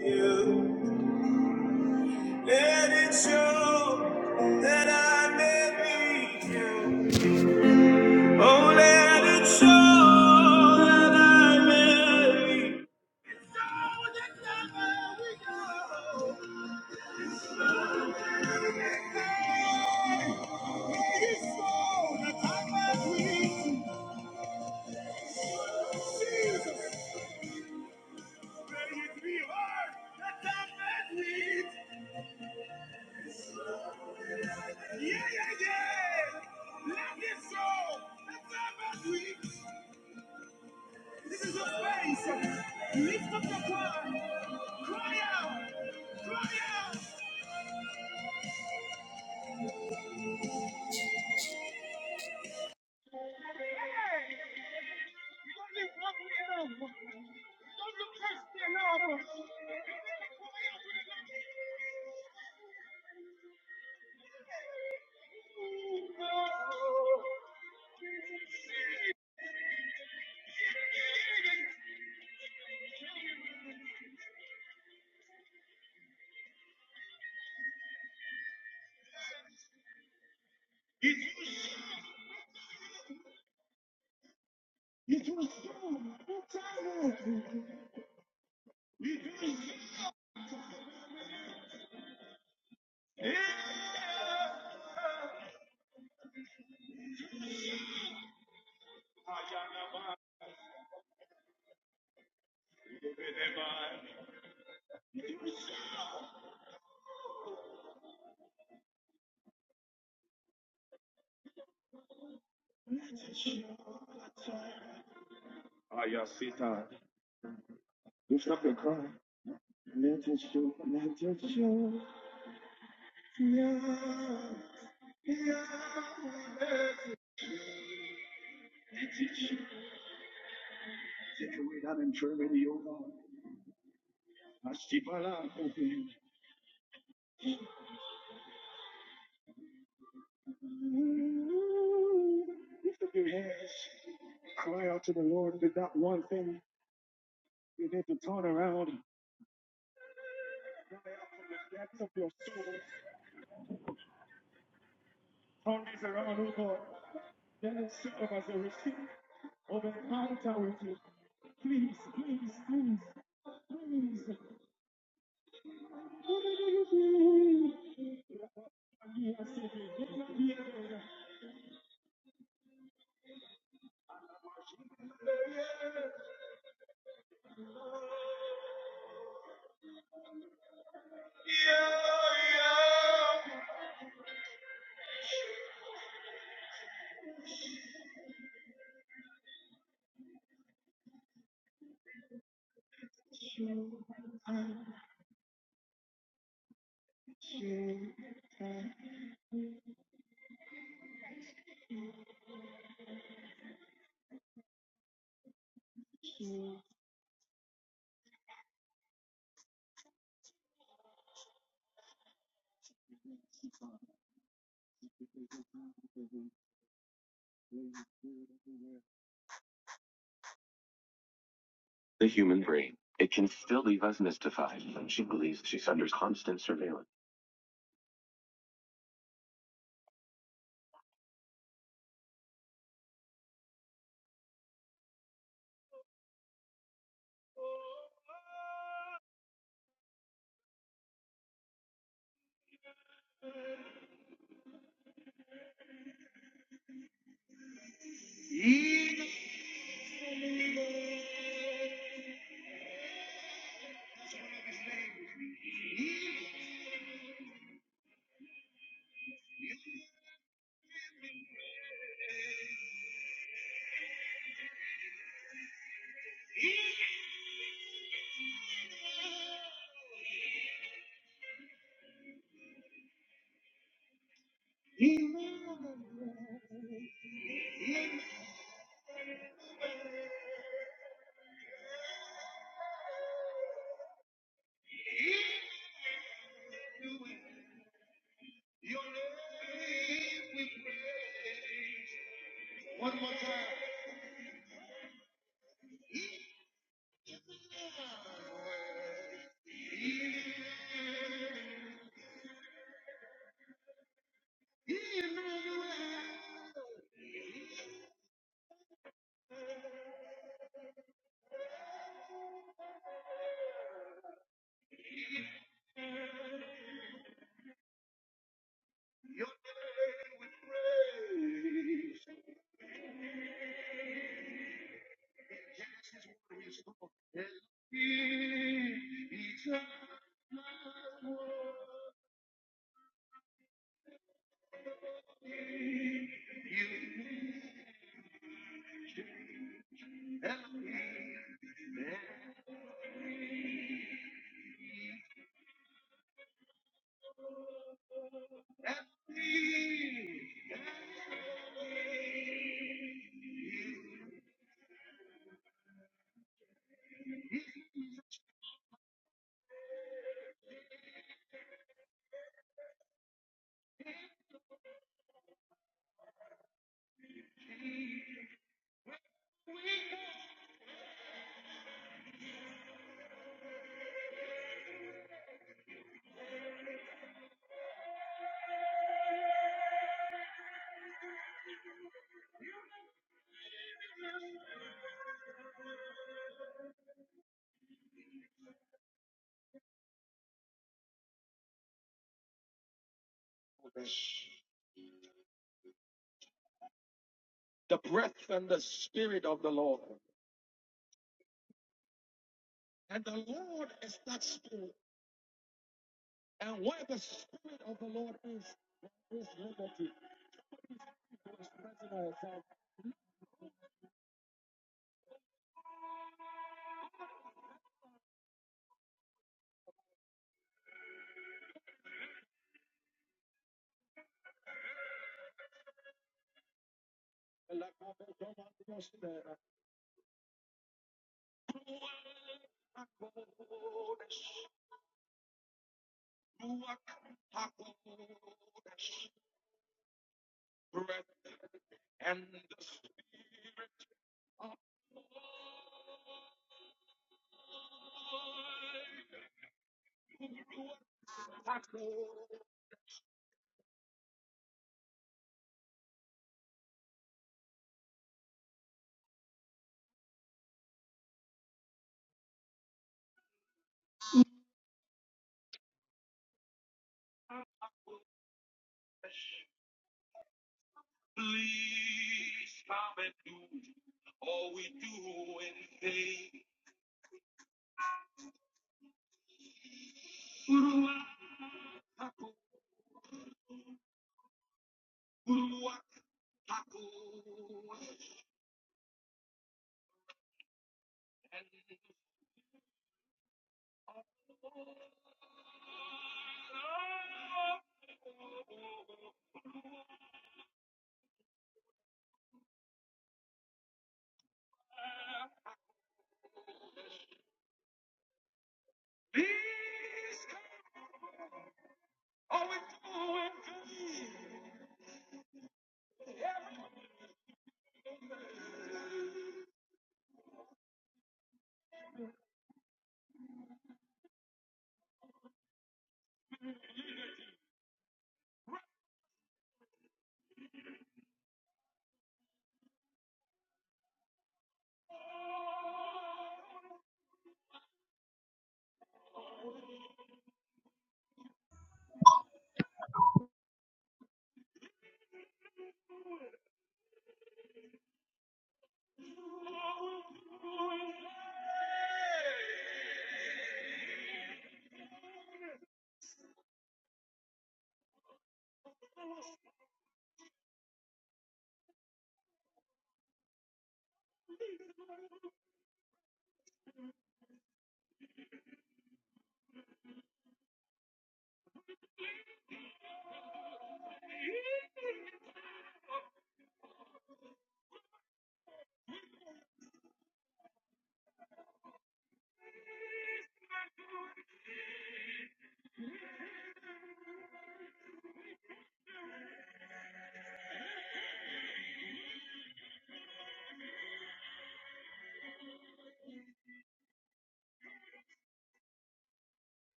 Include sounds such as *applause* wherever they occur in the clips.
You let it show that I may be you. Oh, let it show that I may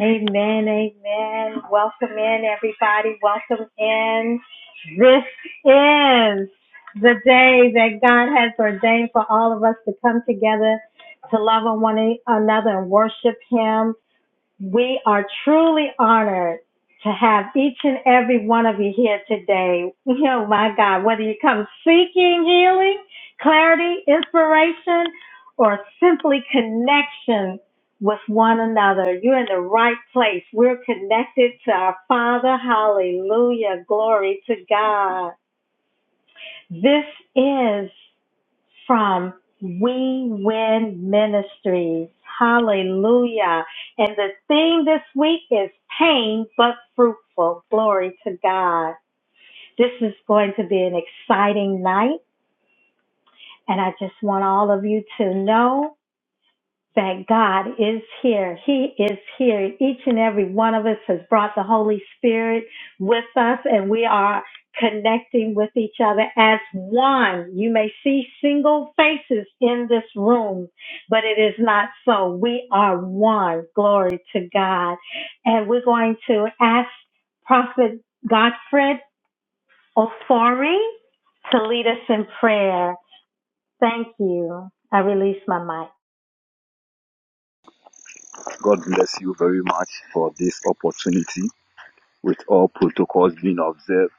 Amen, amen. Welcome in, everybody. Welcome in. This is the day that God has ordained for all of us to come together to love on one another and worship Him. We are truly honored to have each and every one of you here today. Oh my God, whether you come seeking healing, clarity, inspiration, or simply connection with one another, you're in the right place. We're connected to our Father. Hallelujah. Glory to God. This is from We Win Ministries. Hallelujah. And the theme this week is pain but fruitful. Glory to God. This is going to be an exciting night. And I just want all of you to know that God is here. He is here. Each and every one of us has brought the Holy Spirit with us, and we are connecting with each other as one. You may see single faces in this room, but it is not so. We are one. Glory to God. And we're going to ask Prophet Godfred Ofori to lead us in prayer. Thank you. I release my mic. God bless you very much for this opportunity. With all protocols being observed,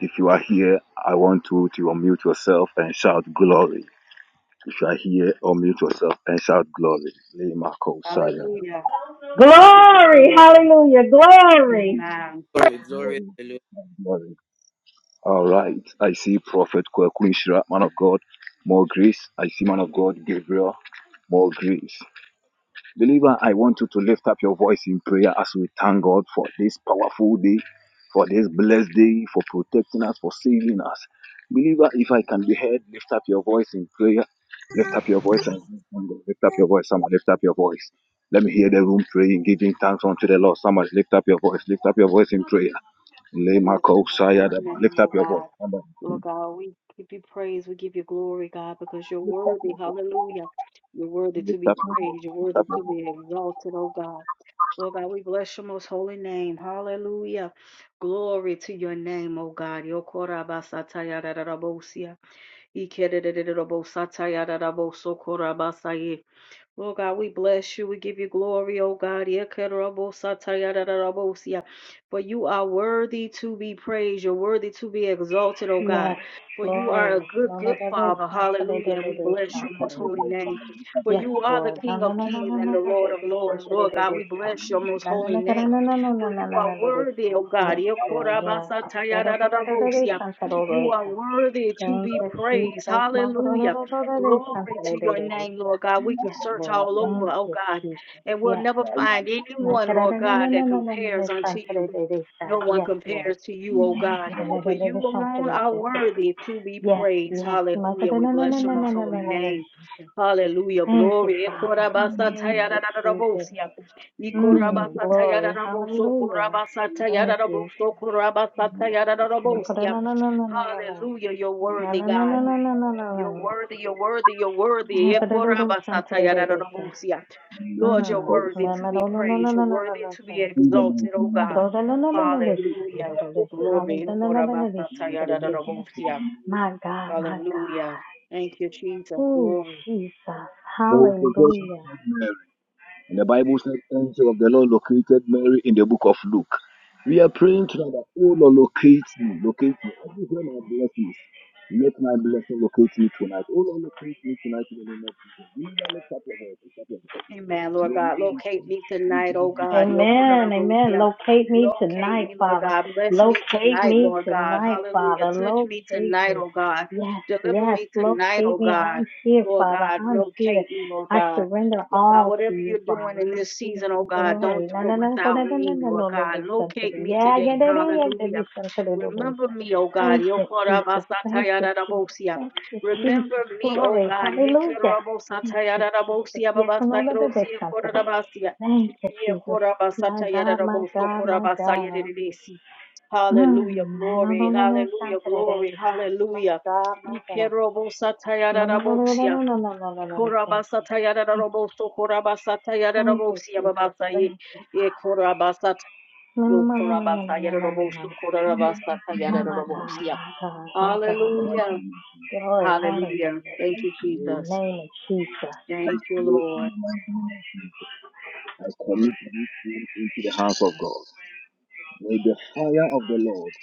if you are here, I want you to unmute yourself and shout glory. If you are here, unmute yourself and shout glory. be. Lema Kosaya. Hallelujah. To God be the Glory, glory. hallelujah, glory. Amen. Glory, glory, Glory, hallelujah. glory. All right. I see Prophet Kwakunshra, man of God, more grace. I see man of God, Gabriel, more grace. Believer, I want you to lift up your voice in prayer as we thank God for this powerful day, for this blessed day, for protecting us, for saving us. Believer, if I can be heard, lift up your voice in prayer. Lift up your voice and lift up your voice. Someone lift up your voice. Let me hear the room praying, giving thanks unto the Lord. Someone lift up your voice. Lift up your voice in prayer. Lema Bless your kosaya holy name, Lift oh up your voice. God. Somebody Lord God, we give you praise. We give you glory, God, because you're worthy. Hallelujah. You're worthy to lift be up your voice. praised. You're Lift worthy up to your be voice. exalted, oh God. Lord God, we bless your most holy name. Hallelujah. Glory to your name, O God. Yokorabasatayararabosia. Ikererererobosatayararabosokorabasaye. Lord God, we bless you. We give you glory, O God. Yekerobosatayararabosia. For you are worthy to be praised. You're worthy to be exalted, O God. Yes, For you are a Lord. good, No, no, good no, no, Father. Saturday, Hallelujah. no, And no, we no, bless your most holy Saturday. name. For Yes, you are the Lord. No, King no, of no, no, kings no, no, and no, the no, no, Lord of lords. Saturday, Lord no, God, no, we Sa- bless your most No, holy no, no, name. no, no, no, no, For you no, no, no, are worthy, O no, God. no, no, Sa- Yes, Lord. Yes. No, no, no, no, no, no, Saturday, Yekorabasatayararabosia. no, no, You are Sa- worthy to Thank be you, praised. Jesus. No, no, no, no, Hallelujah. no, no, no, Glory to Saturday, your no, no, no, name, Lord Sa- God. We can Yes, search Lord. all over, Thank oh you, God, Jesus. and we'll Yes. never find No, anyone, no, Lord no, no, no, God, no, that no, no, no, no, compares unto Saturday, you. no, no, No Sa- one Yes, Lord. compares to you, oh Yes, God, yes. for you alone are worthy to be yes. praised. Hallelujah. We bless your most holy name. Hallelujah. Thank you, Glory. Father. Thank you, Jesus. Ekorabasatayadadadabosia. Mm, glory. Ikorabasatayadadaboso, Hallelujah. Thank you. korabasatayadadaboso, My korabasatayadadabosia. Hallelujah. You're worthy, God. You're worthy, you're worthy, you're worthy. God, Ekorabasatayararabusia. Lord, you're worthy to be praised. You're worthy to be exalted, oh God. Hallelujah. Glory. Ekorabasatayararabusia. my God. Hallelujah. Thank you, Jesus. Oh, Glory. Jesus. Hallelujah. And the Bible says, angel of the Lord located Mary in the book of Luke. We are praying tonight that, oh Lord, locate me, locate me. Everywhere my blessings, let my blessing locate me tonight. Oh Lord, locate me tonight in the name of Jesus. You never lift up your head, lift up your head. Amen, Lord May God. you Locate me commit tonight, oh God. Amen. Amen. Yokorarabosia. Locate me Locate tonight, me, Lord Father. God. Bless me Locate tonight, me Lord God. tonight, Hallelujah. Father. Touch me Locate tonight, me. oh God. Yes, Deliver yes. me tonight, oh Locate me. God. I'm here, Lord Father. God, I'm here. locate me, Lord I God. surrender Lord God, all to whatever you're you, doing Father. in I'm this here. season, oh I'm God, don't Glory. do No, it no, no. for no, without no, no. me, No, Lord no, no. na, God. son to Locate the- me Yeah, yeah, today. yeah, yeah, yeah, yeah, Hallelujah. yeah, son to the- the- the- Remember son. me, oh God. Thank you, Jesus. Thank you, Jesus. Yokorabasatayararabosia. Thank you, Remember Jesus. me, O Glory. God. Hallelujah. Thank you, Jesus. Yes, another day, Yekerabosatayarabosiababasairosiye Santa. korabasiya. Thank you, Jesus. My God, my God, my God. Yekorabasatayarabosokorabasayeredesi. Hallelujah, Mm. My no, no, glory, no, no, hallelujah, Santa de Bella. glory, My hallelujah. God, my God. My no, no, no, no, Ikerobosatayarabosiya. no, no, no, no, no, no, no. Thank you. Thank you, Jesus. Thank you, Korabasatayarabosokorabasatayarabosia Jesus. Thank babasaye. you. Yekorabasat- No, no, no, no, no, no, no, no, no, no. My, my God, Yokorabasayarabosokorabasatayarabosia. my God, my God. Hallelujah. Glory, hallelujah. Hallelujah. Thank you, In the Jesus. name of Jesus. Thank you, Lord. them into the house of God. May the fire of the Lord,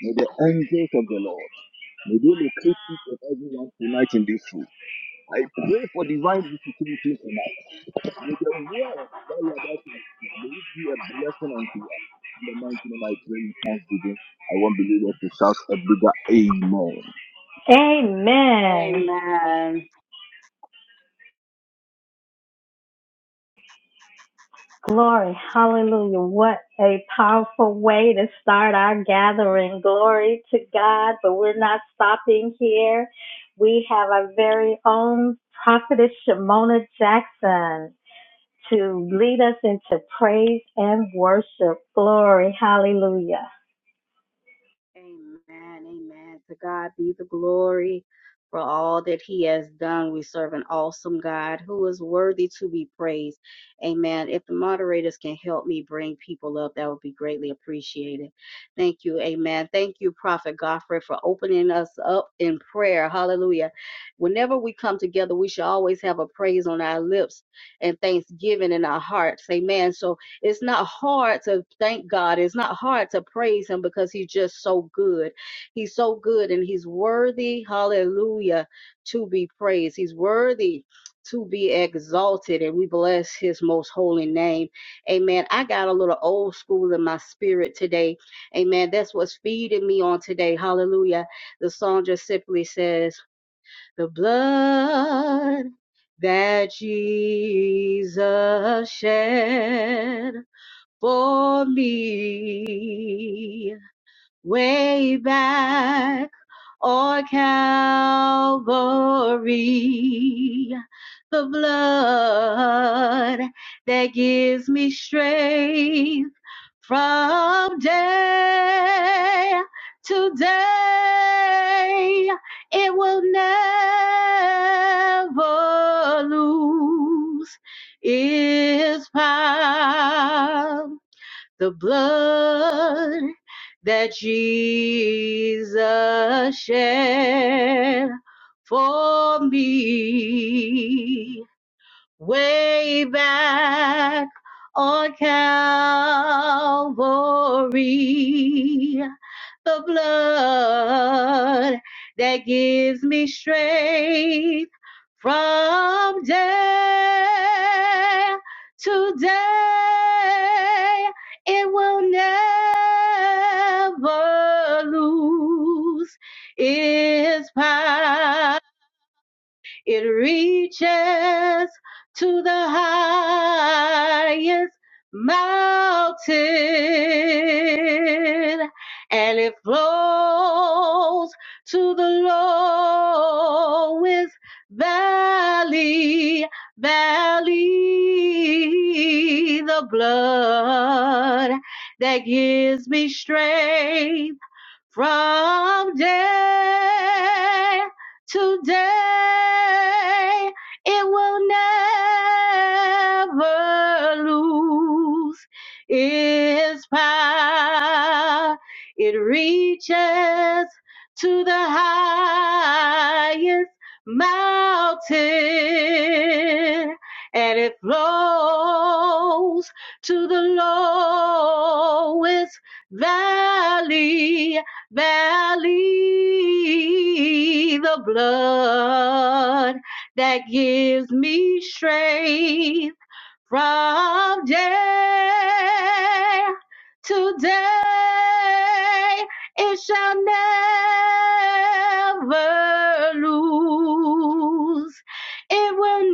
may the angels of the Lord, may they locate each and everyone tonight in this room. I pray for divine visitation tonight. With the word that you are about to receive, may it be a blessing unto you. In the mighty name I pray in thanksgiving. I want believers to shout a bigger amen. Amen. Amen. Glory, hallelujah. What a powerful way to start our gathering. Glory to God, but we're not stopping here. We have our very own prophetess Shimona Jackson to lead us into praise and worship. Glory, hallelujah. Amen. Amen. To God be the glory for all that He has done. We serve an awesome God who is worthy to be praised. Amen. If the moderators can help me bring people up, that would be greatly appreciated. Thank you. Amen. Thank you, Prophet Godfrey, for opening us up in prayer. Hallelujah. Whenever we come together, we should always have a praise on our lips and thanksgiving in our hearts. Amen. So it's not hard to thank God. It's not hard to praise Him because He's just so good. He's so good and He's worthy, hallelujah, to be praised. He's worthy to be exalted and we bless His most holy name. Amen. I got a little old school in my spirit today. Amen. That's what's feeding me on today. Hallelujah. The song just simply says, The blood that Jesus shed for me way back on Calvary. The blood that gives me strength from day to day. It will never lose its power the blood that Jesus shed for me way back on Calvary. The blood that gives me strength from day to day. It will never lose its power. It reaches to the highest mountain and it flows to the lowest valley, valley, the blood that gives me strength from day to day. It will never lose its power. It reaches to the highest mountain and it flows to the lowest valley valley, the blood that gives me strength from day to day. It shall never lose. It will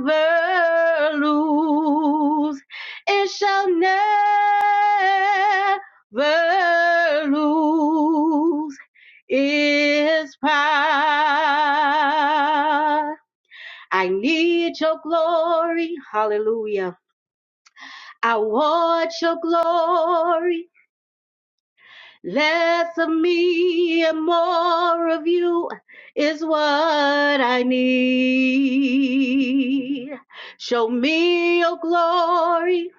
never lose. It shall never lose its power I need your glory. Hallelujah. I want your glory. Less of me and more of you is what I need. Show me your glory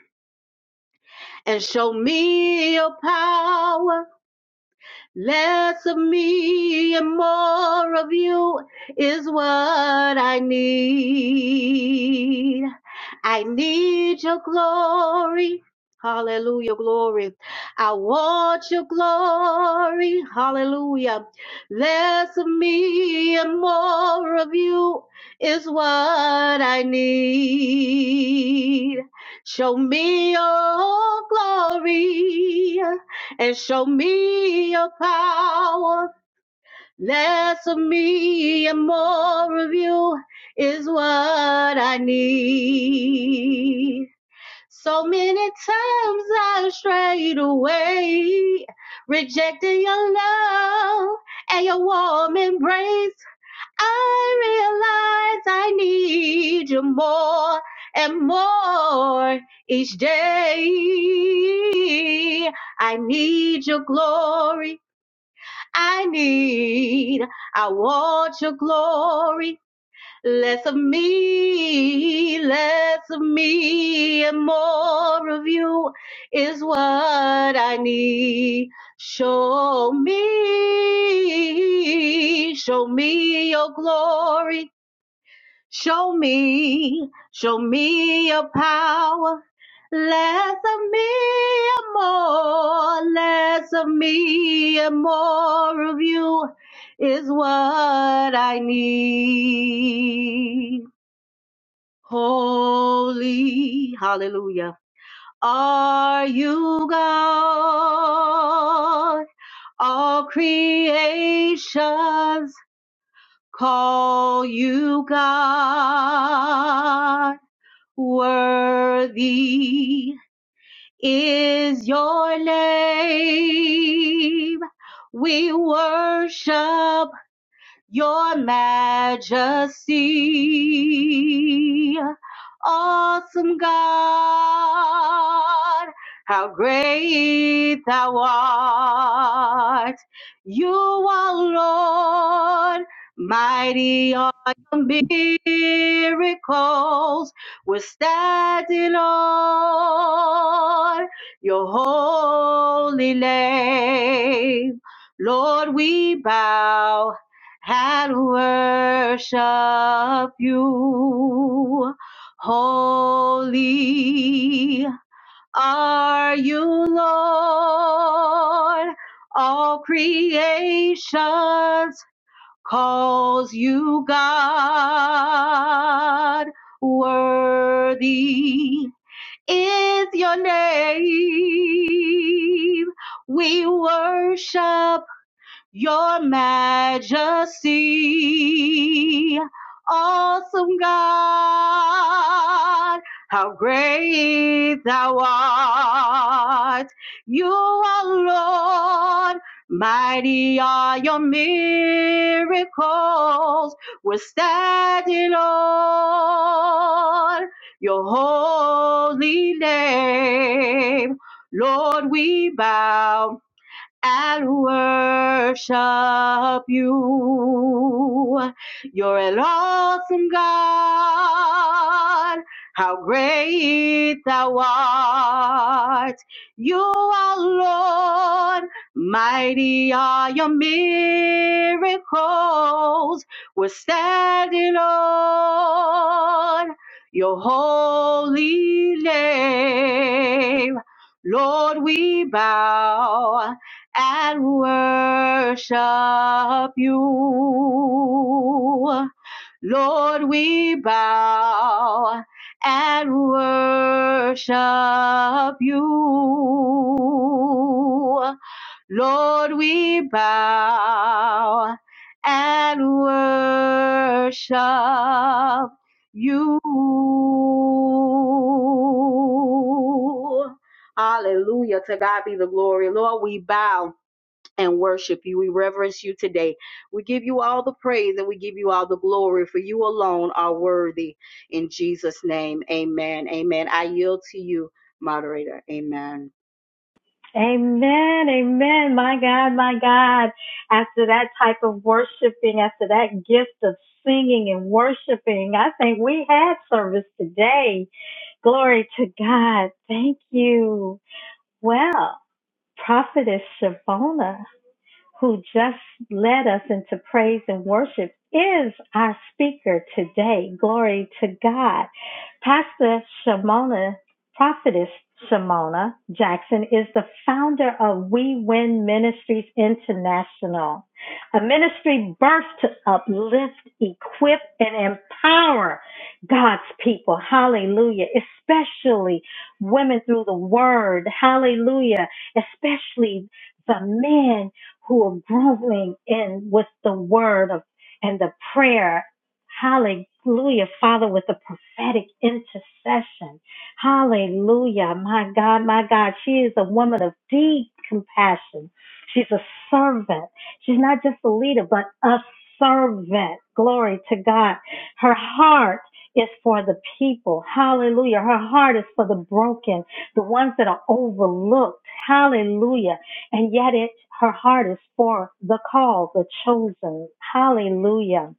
and show me your power. Less of me and more of you is what I need. I need your glory. Hallelujah, glory. I want your glory. Hallelujah. Less of me and more of you is what I need. Show me your glory and show me your power. Less of me and more of you is what I need. So many times I strayed away, rejecting your love and your warm embrace. I realize I need you more and more each day. I need your glory. I need, I want your glory. Less of me, less of me, and more of you is what I need. Show me, show me your glory. Show me, show me your power. Less of me and more, less of me and more of you is what I need. Holy, hallelujah. Are you God? All creations call you God. Worthy is your name. We worship your majesty, awesome God. How great thou art! You are Lord, mighty are your miracles. We're standing on your holy name. Lord, we bow and worship you. Holy are you, Lord. All creations calls you God. Worthy is your name. We worship your majesty, awesome God, how great thou art. You are Lord, mighty are your miracles. We're standing on your holy name. Lord, we bow and worship you. You're an awesome God. How great thou art. You are Lord. Mighty are your miracles. We're standing on your holy name. Lord, we bow and worship you. Lord, we bow and worship you. Lord, we bow and worship you. Hallelujah. To God be the glory. Lord, we bow and worship you. We reverence you today. We give you all the praise and we give you all the glory, for you alone are worthy. In Jesus' name, amen. Amen. I yield to you, moderator. Amen. Amen, amen. My God, my God. After that type of worshiping, after that gift of singing and worshiping, I think we had service today. Glory to God. Thank you. Well, Prophetess Shavona, who just led us into praise and worship, is our speaker today. Glory to God. Pastor Shimona, prophetess Shimona Jackson, is the founder of We Win Ministries International, a ministry birthed to uplift, equip, and empower God's people. Hallelujah. Especially women through the word. Hallelujah. Especially the men who are growing in with the word of and the prayer. Hallelujah, Father, with the prophetic intercession. Hallelujah, my God, my God. She is a woman of deep compassion. She's a servant. She's not just a leader, but a servant. Glory to God. Her heart is for the people. Hallelujah. Her heart is for the broken, the ones that are overlooked. Hallelujah. And yet it, her heart is for the called, the chosen. Hallelujah.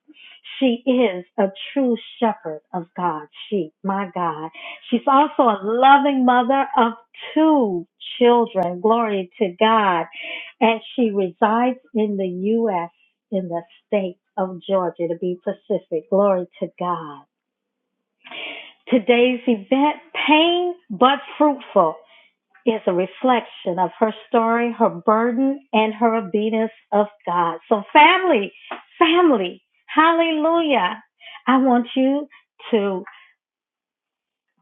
She is a true shepherd of God's sheep, my God. She's also a loving mother of two children. Glory to God. And she resides in the U.S. in the state of Georgia to be specific. Glory to God. Today's event, pain but fruitful is a reflection of her story, her burden, and her obedience of God. So, family, family, hallelujah. I want you to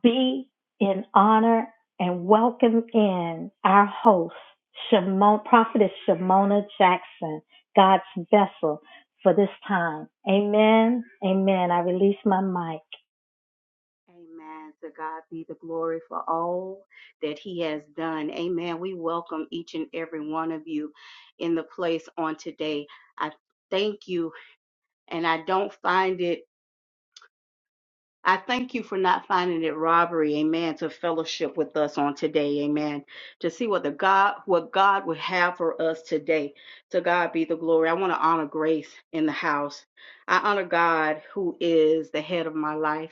be in honor and welcome in our host, Shimon, Prophetess Shimona Jackson, God's vessel for this time. Amen. Amen. I release my mic. Amen. To God be the glory for all that He has done. Amen. We welcome each and every one of you in the place on today. I thank you, and I don't find it I thank you for not finding it robbery, amen, to fellowship with us on today, amen. To see what the God what God would have for us today. To God be the glory. I want to honor grace in the house. I honor God who is the head of my life.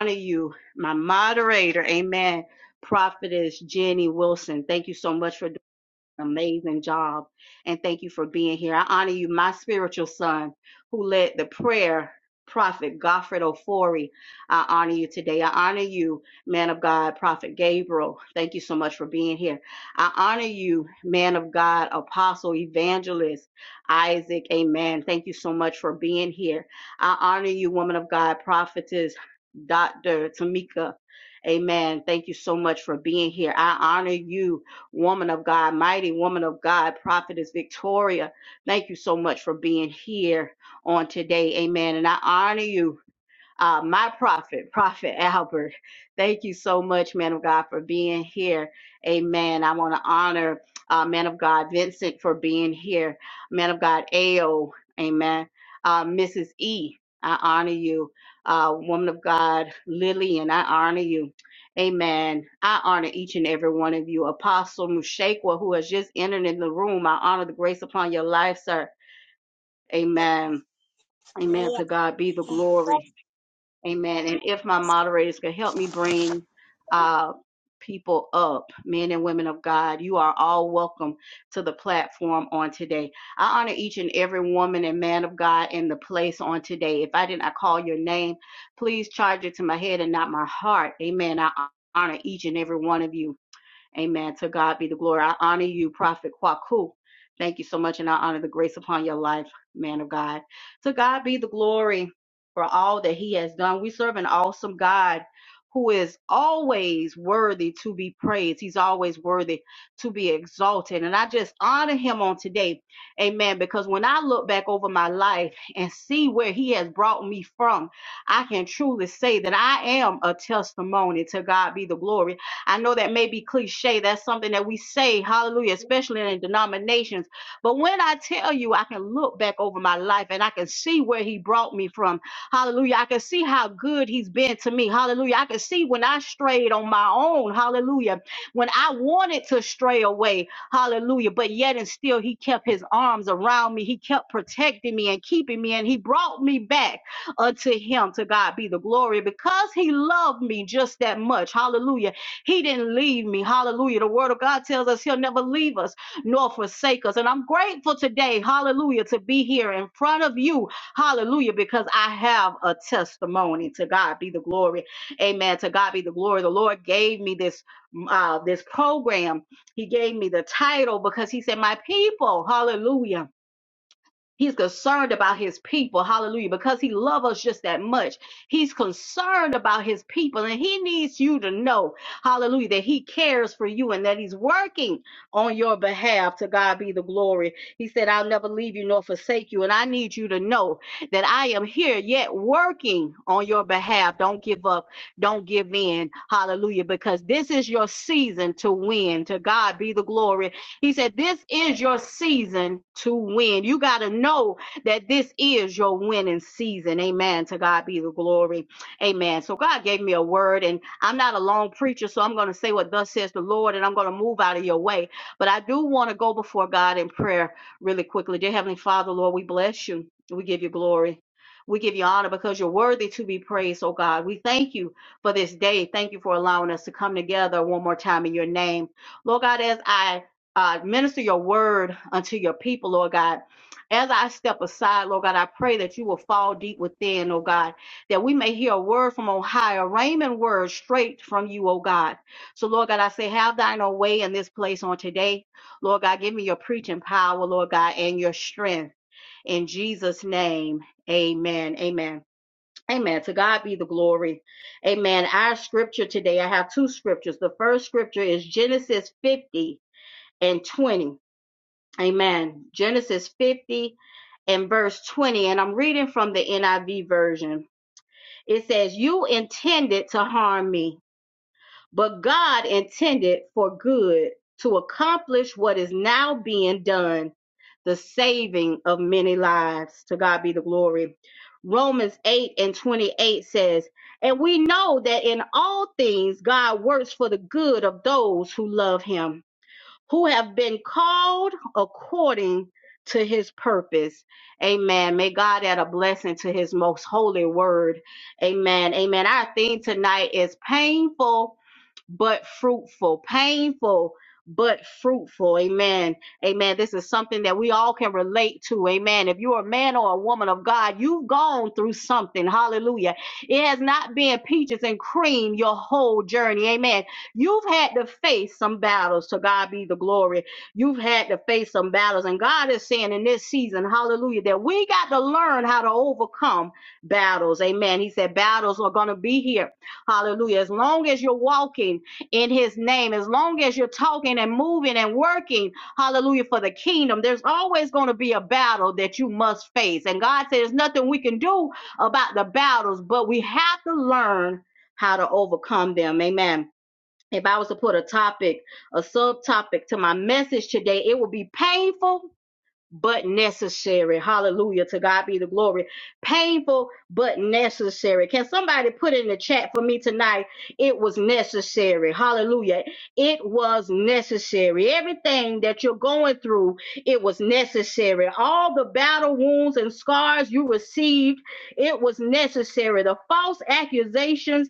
I honor you, my moderator, amen. Prophetess Jenny Wilson. Thank you so much for amazing job. And thank you for being here. I honor you, my spiritual son, who led the prayer, Prophet Godfred Ofori. I honor you today. I honor you, man of God, Prophet Gabriel. Thank you so much for being here. I honor you, man of God, Apostle Evangelist Isaac. Amen. Thank you so much for being here. I honor you, woman of God, Prophetess Dr. Tamika. Amen. Thank you so much for being here. I honor you, woman of God, mighty woman of God, prophetess Victoria. Thank you so much for being here on today. Amen. And I honor you uh, my prophet, Prophet Albert. Thank you so much, man of God, for being here. Amen. I want to honor uh, man of God Vincent for being here. Man of God Ao. Amen. Uh, Mrs. E. I honor you. Uh, woman of God Lillian. I honor you. Amen. I honor each and every one of you. Apostle Mushakwa, who has just entered in the room, I honor the grace upon your life, sir. Amen. Amen. Amen. To God be the glory. Amen. And if my moderators could help me bring uh, people up, men and women of God, you are all welcome to the platform on today. I honor each and every woman and man of God in the place on today. If I did not call your name, please charge it to my head and not my heart. Amen. I honor each and every one of you. Amen. To God be the glory. I honor you, Prophet Kwaku. Thank you so much, and I honor the grace upon your life, man of God. To God be the glory for all that He has done. We serve an awesome God who is always worthy to be praised. He's always worthy to be exalted. And I just honor Him on today, amen, because when I look back over my life and see where He has brought me from, I can truly say that I am a testimony. To God be the glory I know that may be cliche. That's something that we say, hallelujah, especially in denominations. But when I tell you, I can look back over my life and I can see where He brought me from. Hallelujah. I can see how good He's been to me. Hallelujah. I can see when I strayed on my own. Hallelujah. When I wanted to stray away. Hallelujah. But yet and still, He kept His arms around me. He kept protecting me and keeping me. And He brought me back unto Him. To God be the glory because He loved me just that much. Hallelujah he didn't leave me. Hallelujah. The word of God tells us he'll never leave us nor forsake us. And I'm grateful today, hallelujah, to be here in front of you. Hallelujah, because I have a testimony. To God be the glory. Amen. To God be the glory. The Lord gave me this mm, uh this program. He gave me the title because he said, My people, hallelujah. He's concerned about his people. Hallelujah. Because he loves us just that much. He's concerned about his people and he needs you to know, hallelujah, that he cares for you and that he's working on your behalf. To God be the glory. He said, I'll never leave you nor forsake you. And I need you to know that I am here yet working on your behalf. Don't give up. Don't give in. Hallelujah. Because this is your season to win. To God be the glory. He said, This is your season to win. You got to know that this is your winning season. Amen. To God be the glory. Amen. So God gave me a word, and I'm not a long preacher, so I'm going to say what thus says the Lord, and I'm going to move out of your way. But I do want to go before God in prayer really quickly. Dear Heavenly Father, Lord, we bless you. We give you glory. We give you honor because you're worthy to be praised, oh God. We thank you for this day. Thank you for allowing us to come together one more time in your name. Lord God, as I uh, minister your word unto your people, Lord God. As I step aside, Lord God, I pray that you will fall deep within, oh God, that we may hear a word from on high, a Raymond word straight from you, oh God. So, Lord God, I say, have thine own way in this place on today. Lord God, give me your preaching power, Lord God, and your strength. In Jesus' name, amen. Amen. Amen. To God be the glory. Amen. Our scripture today, I have two scriptures. The first scripture is Genesis 50 and 20. Amen. Genesis 50 and verse 20. And I'm reading from the NIV version. It says, You intended to harm me, but God intended for good to accomplish what is now being done, the saving of many lives. To God be the glory. Romans 8 and 28 says, And we know that in all things God works for the good of those who love him who have been called according to his purpose. Amen. May God add a blessing to his most holy word. Amen. Amen. Our theme tonight is painful but fruitful, painful, but fruitful. Amen. Amen. This is something that we all can relate to. Amen. If you're a man or a woman of God, you've gone through something. Hallelujah. It has not been peaches and cream your whole journey. Amen. You've had to face some battles. To God be the glory. You've had to face some battles. And God is saying in this season, hallelujah, that we got to learn how to overcome battles. Amen. He said battles are going to be here. Hallelujah. As long as you're walking, in his name. As long as you're talking and moving and working, hallelujah, for the kingdom, there's always going to be a battle that you must face. And God said there's nothing we can do about the battles, but we have to learn how to overcome them. Amen. If I was to put a topic, a subtopic to my message today, it would be painful but necessary. Hallelujah. To God be the glory. Painful, but necessary. Can somebody put in the chat for me tonight? It was necessary. Hallelujah. It was necessary. Everything that you're going through, it was necessary. All the battle wounds and scars you received, it was necessary. The false accusations,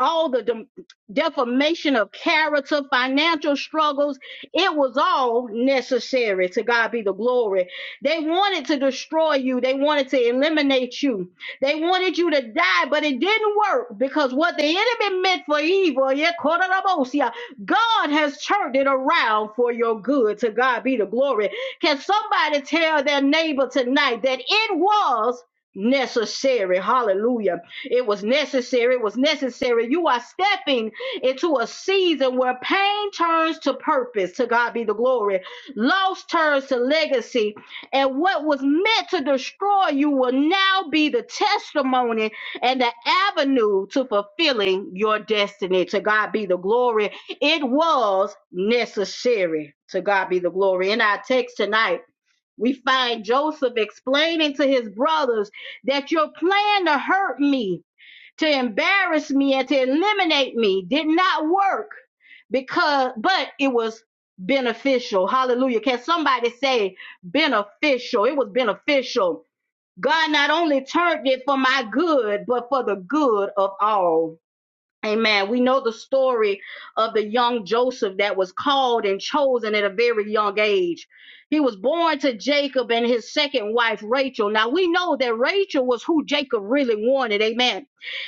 all the dem- defamation of character, financial struggles, it was all necessary. To God be the glory. They wanted to destroy you, they wanted to eliminate you, they wanted you to die, but it didn't work because what the enemy meant for evil, yeah, Kororobosia, God has turned it around for your good. To God be the glory. Can somebody tell their neighbor tonight that it was necessary? Hallelujah. It was necessary. It was necessary. You are stepping into a season where pain turns to purpose. To God be the glory. Loss turns to legacy. And what was meant to destroy you will now be the testimony and the avenue to fulfilling your destiny. To God be the glory. It was necessary. To God be the glory. In our text tonight, we find Joseph explaining to his brothers that your plan to hurt me to embarrass me and to eliminate me did not work because but it was beneficial hallelujah can somebody say beneficial it was beneficial god not only turned it for my good but for the good of all Amen. We know the story of the young Joseph that was called and chosen at a very young age. He was born to Jacob and his second wife, Rachel. Now, we know that Rachel was who Jacob really wanted. Amen.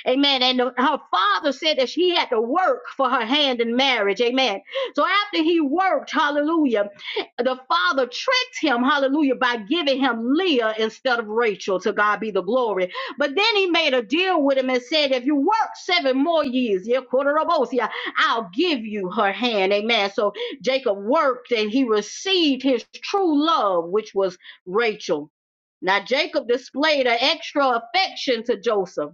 Amen. And the- her father said that she had to work for her hand in marriage. Amen. So, after he worked, hallelujah, the father tricked him, hallelujah, by giving him Leah instead of Rachel. To God be the glory. But then he made a deal with him and said, if you work seven more years, yeah, Kotorobosia, I'll give you her hand. Amen. So Jacob worked and he received his true love, which was Rachel. Now Jacob displayed an extra affection to Joseph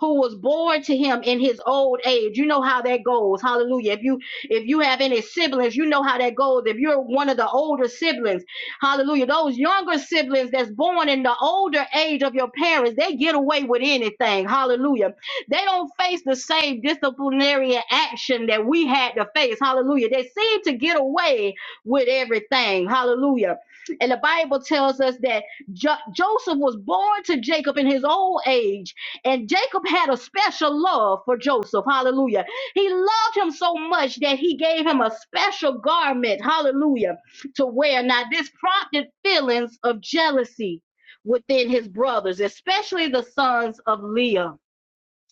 who was born to him in his old age. You know how that goes. Hallelujah. If you if you have any siblings, you know how that goes. If you're one of the older siblings, hallelujah. Those younger siblings that's born in the older age of your parents, they get away with anything. Hallelujah. They don't face the same disciplinary action that we had to face. Hallelujah. They seem to get away with everything. Hallelujah. And the Bible tells us that jo- Joseph was born to Jacob in his old age and Jacob had a special love for Joseph. Hallelujah. He loved him so much that he gave him a special garment. Hallelujah. To wear. Now, this prompted feelings of jealousy within his brothers, especially the sons of Leah.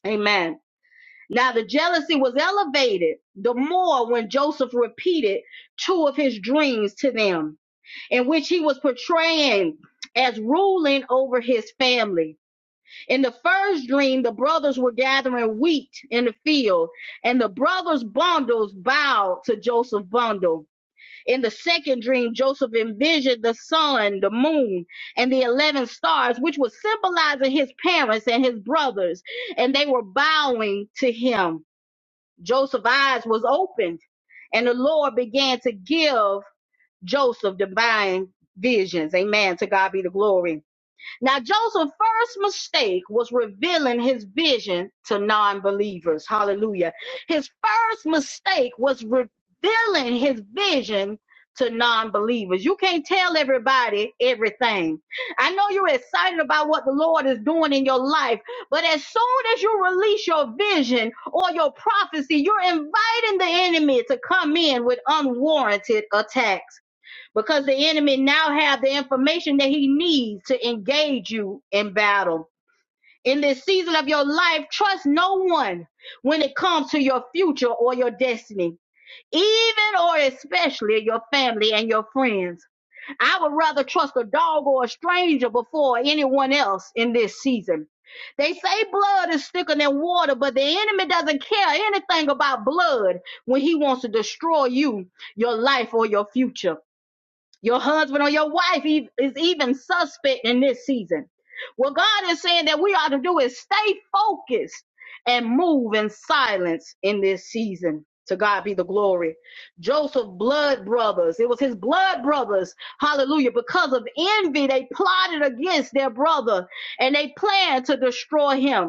Amen. Now, the jealousy was elevated the more when Joseph repeated two of his dreams to them, in which he was portraying as ruling over his family. In the first dream, the brothers were gathering wheat in the field, and the brothers' bundles bowed to Joseph's bundle. In the second dream, Joseph envisioned the sun, the moon, and the 11 stars, which was symbolizing his parents and his brothers, and they were bowing to him. Joseph's eyes was opened, and the Lord began to give Joseph divine visions. Amen. To God be the glory. Now, Joseph's first mistake was revealing his vision to non believers. Hallelujah. His first mistake was revealing his vision to non believers. You can't tell everybody everything. I know you're excited about what the Lord is doing in your life, but as soon as you release your vision or your prophecy, you're inviting the enemy to come in with unwarranted attacks because the enemy now have the information that he needs to engage you in battle. In this season of your life, trust no one when it comes to your future or your destiny, even or especially your family and your friends. I would rather trust a dog or a stranger before anyone else in this season. They say blood is thicker than water, but the enemy doesn't care anything about blood when he wants to destroy you, your life, or your future. Your husband or your wife e- is even suspect in this season. What God is saying that we ought to do is stay focused and move in silence in this season. To God be the glory. Joseph blood brothers. It was his blood brothers. Hallelujah. Because of envy, they plotted against their brother and they planned to destroy him.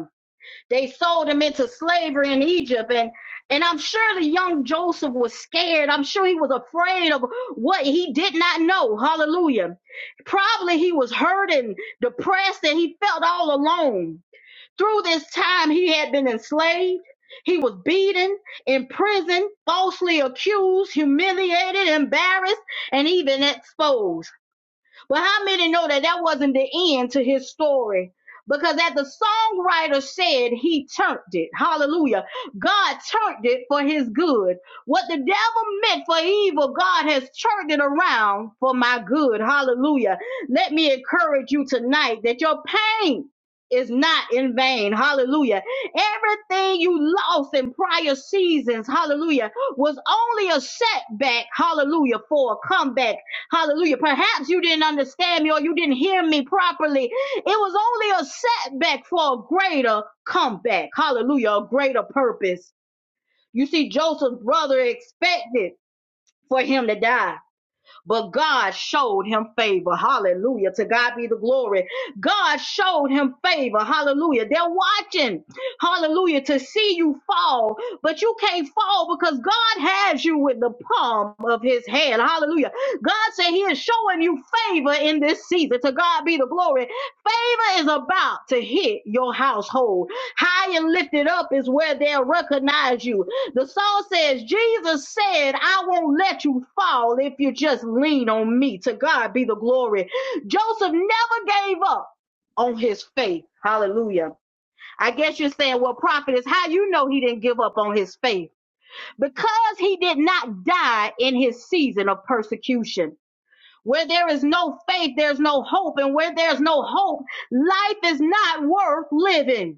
They sold him into slavery in Egypt. And, and I'm sure the young Joseph was scared. I'm sure he was afraid of what he did not know. Hallelujah. Probably he was hurting, depressed, and he felt all alone. Through this time, he had been enslaved. He was beaten, imprisoned, falsely accused, humiliated, embarrassed, and even exposed. But how many know that that wasn't the end to his story? Because as the songwriter said, he turned it. Hallelujah. God turned it for his good. What the devil meant for evil, God has turned it around for my good. Hallelujah. Let me encourage you tonight that your pain is not in vain. Hallelujah. Everything you lost in prior seasons, hallelujah, was only a setback, hallelujah, for a comeback Hallelujah. Perhaps you didn't understand me or you didn't hear me properly. It was only a setback for a greater comeback. Hallelujah. A greater purpose. You see, Joseph's brother expected for him to die but God showed him favor. Hallelujah. To God be the glory. God showed him favor. Hallelujah. They're watching. Hallelujah. To see you fall, but you can't fall because God has you with the palm of his hand. Hallelujah. God said he is showing you favor in this season. To God be the glory. Favor is about to hit your household. High and lifted up is where they'll recognize you. The song says, Jesus said, I won't let you fall if you just lean on me. To God be the glory. Joseph never gave up on his faith. Hallelujah. I guess you're saying, well, prophet, is how you know he didn't give up on his faith? Because he did not die in his season of persecution. Where there is no faith, there's no hope. And where there's no hope, life is not worth living.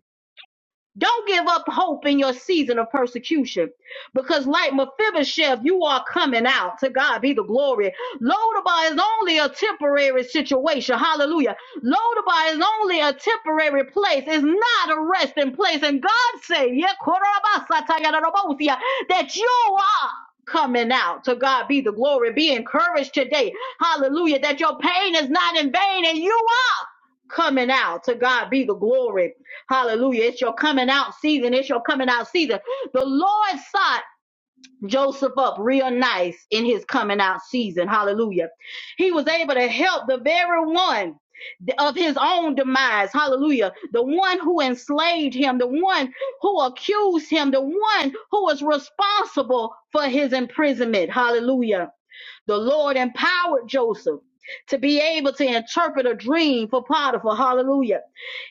Don't give up hope in your season of persecution because, like Mephibosheth, you are coming out. To God be the glory. Lodabar is only a temporary situation. Hallelujah. Lodabar is only a temporary place. It's not a resting place. And God said, that you are coming out. To God be the glory. Be encouraged today. Hallelujah. That your pain is not in vain and you are coming out. To God be the glory. Hallelujah. It's your coming out season. It's your coming out season. The Lord saw Joseph up real nice in his coming out season. Hallelujah. He was able to help the very one of his own demise. Hallelujah. The one who enslaved him, the one who accused him, the one who was responsible for his imprisonment. Hallelujah. The Lord empowered Joseph to be able to interpret a dream for Potiphar. Hallelujah.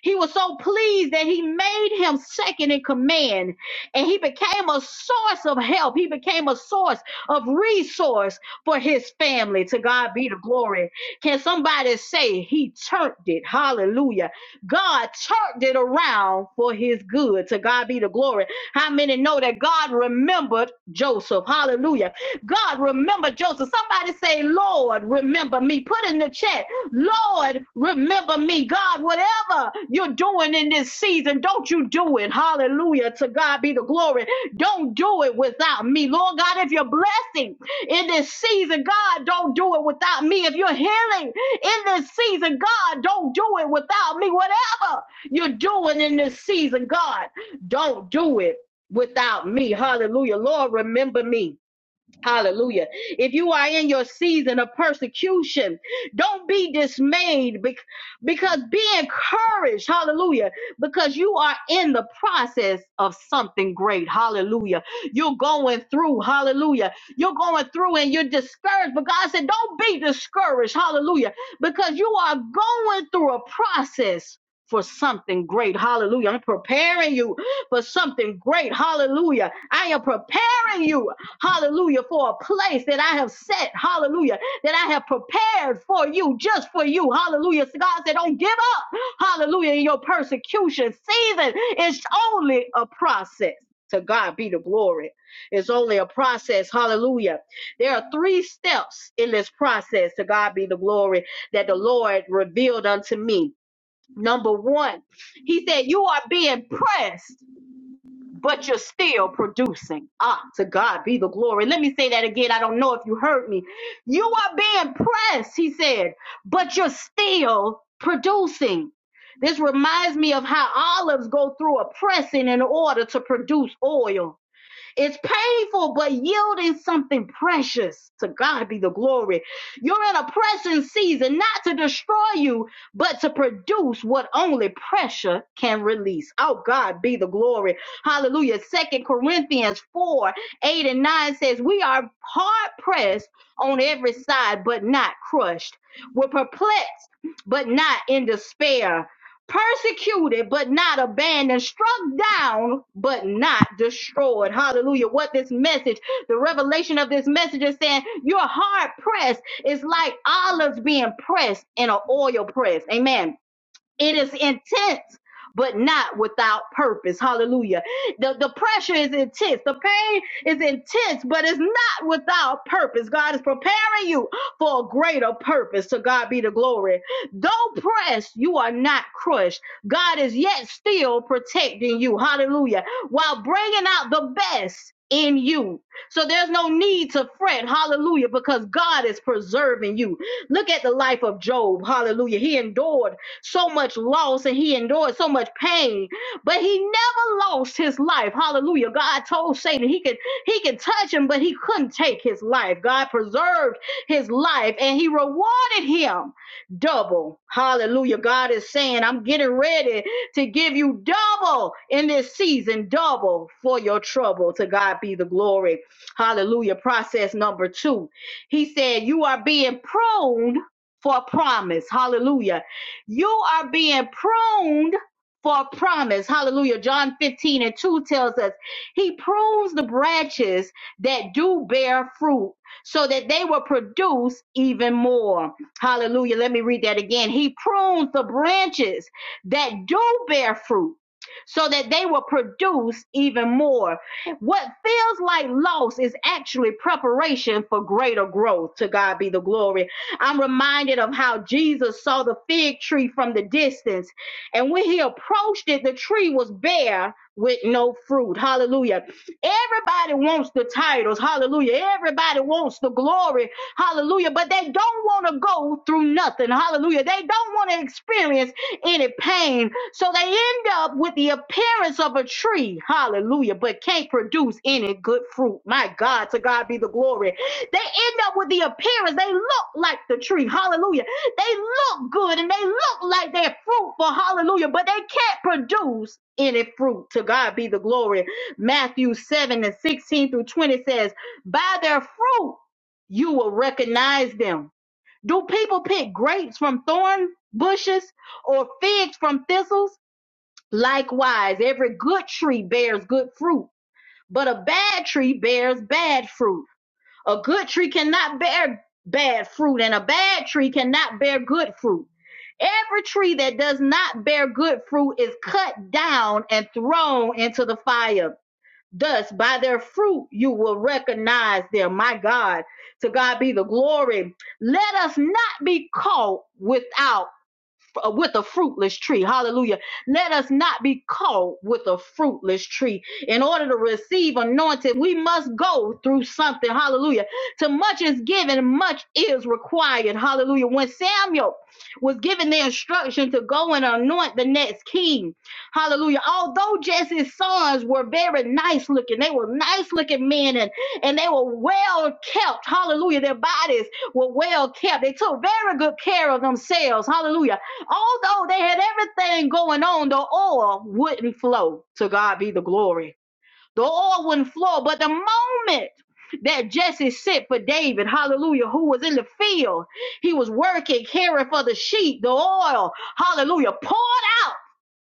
He was so pleased that he made him second in command and he became a source of help. He became a source of resource for his family. To God be the glory. Can somebody say he turned it? Hallelujah. God turned it around for his good. To God be the glory. How many know that God remembered Joseph? Hallelujah. God remembered Joseph. Somebody say, Lord, remember me. Put in the chat, Lord, remember Remember me, God, whatever you're doing in this season, don't you do it. Hallelujah. To God be the glory. Don't do it without me. Lord God, if you're blessing in this season, God, don't do it without me. If you're healing in this season, God, don't do it without me. Whatever you're doing in this season, God, don't do it without me. Hallelujah. Lord, remember me. Hallelujah. If you are in your season of persecution, don't be dismayed bec- because be encouraged. Hallelujah. Because you are in the process of something great. Hallelujah. You're going through. Hallelujah. You're going through and you're discouraged. But God said, don't be discouraged. Hallelujah. Because you are going through a process. For something great. Hallelujah. I'm preparing you for something great. Hallelujah. I am preparing you hallelujah, for a place that I have set, hallelujah, that I have prepared for you, just for you, hallelujah. So God said, don't give up, hallelujah, in your persecution season. It's only a process. To God be the glory. It's only a process. Hallelujah. There are three steps in this process. To God be the glory that the Lord revealed unto me. Number one, He said, You are being pressed but you're still producing. Ah, to God be the glory. Let me say that again. I don't know if you heard me. You are being pressed, he said, but you're still producing. This reminds me of how olives go through a pressing in order to produce oil. It's painful, but yielding something precious. To God be the glory. You're in a pressing season, not to destroy you, but to produce what only pressure can release. Oh, God be the glory. Hallelujah. Second Corinthians 4 8 and 9 says, We are hard pressed on every side, but not crushed. We're perplexed, but not in despair persecuted but not abandoned, struck down but not destroyed. Hallelujah. What this message, the revelation of this message is saying, you're hard pressed. It's like olives being pressed in an oil press. Amen it is intense, but not without purpose. Hallelujah. The, the pressure is intense. The pain is intense, but it's not without purpose. God is preparing you for a greater purpose. To God be the glory. Though pressed, you are not crushed. God is yet still protecting you. Hallelujah. While bringing out the best in you. So there's no need to fret. Hallelujah. Because God is preserving you. Look at the life of Job. Hallelujah. He endured so much loss and he endured so much pain, but he never lost his life. Hallelujah. God told Satan he could he could touch him, but he couldn't take his life. God preserved his life and he rewarded him double. Hallelujah. God is saying, I'm getting ready to give you double in this season, double for your trouble. To God be the glory. Hallelujah. Process number two. He said, You are being pruned for a promise. Hallelujah. You are being pruned for a promise. Hallelujah. John 15 and 2 tells us he prunes the branches that do bear fruit so that they will produce even more. Hallelujah. Let me read that again. He prunes the branches that do bear fruit so that they will produce even more. What feels like loss is actually preparation for greater growth. To God be the glory. I'm reminded of how Jesus saw the fig tree from the distance. And when he approached it, the tree was bare with no fruit. Hallelujah. Everybody wants the titles. Hallelujah. Everybody wants the glory. Hallelujah. But they don't want to go through nothing. Hallelujah. They don't want to experience any pain. So they end up with the appearance of a tree. Hallelujah. But can't produce any good fruit. My God, to God be the glory. They end up with the appearance. They look like the tree. Hallelujah. They look good and they look like they're fruitful. Hallelujah. But they can't produce any fruit. To God be the glory. Matthew 7 and 16 through 20 says, By their fruit you will recognize them. Do people pick grapes from thorn bushes or figs from thistles? Likewise, every good tree bears good fruit, but a bad tree bears bad fruit. A good tree cannot bear bad fruit, and a bad tree cannot bear good fruit. Every tree that does not bear good fruit is cut down and thrown into the fire. Thus, by their fruit, you will recognize them. My God, to God be the glory. Let us not be caught without uh, with a fruitless tree. Hallelujah. Let us not be caught with a fruitless tree. In order to receive anointed, we must go through something. Hallelujah. To much is given, much is required. Hallelujah. When Samuel was given the instruction to go and anoint the next king, hallelujah. Although Jesse's sons were very nice looking, they were nice looking men and, and they were well kept. Hallelujah. Their bodies were well kept. They took very good care of themselves. Hallelujah Although they had everything going on, the oil wouldn't flow. To God be the glory. The oil wouldn't flow. But the moment that Jesse sent for David, hallelujah, who was in the field, he was working, caring for the sheep, the oil, hallelujah, poured out.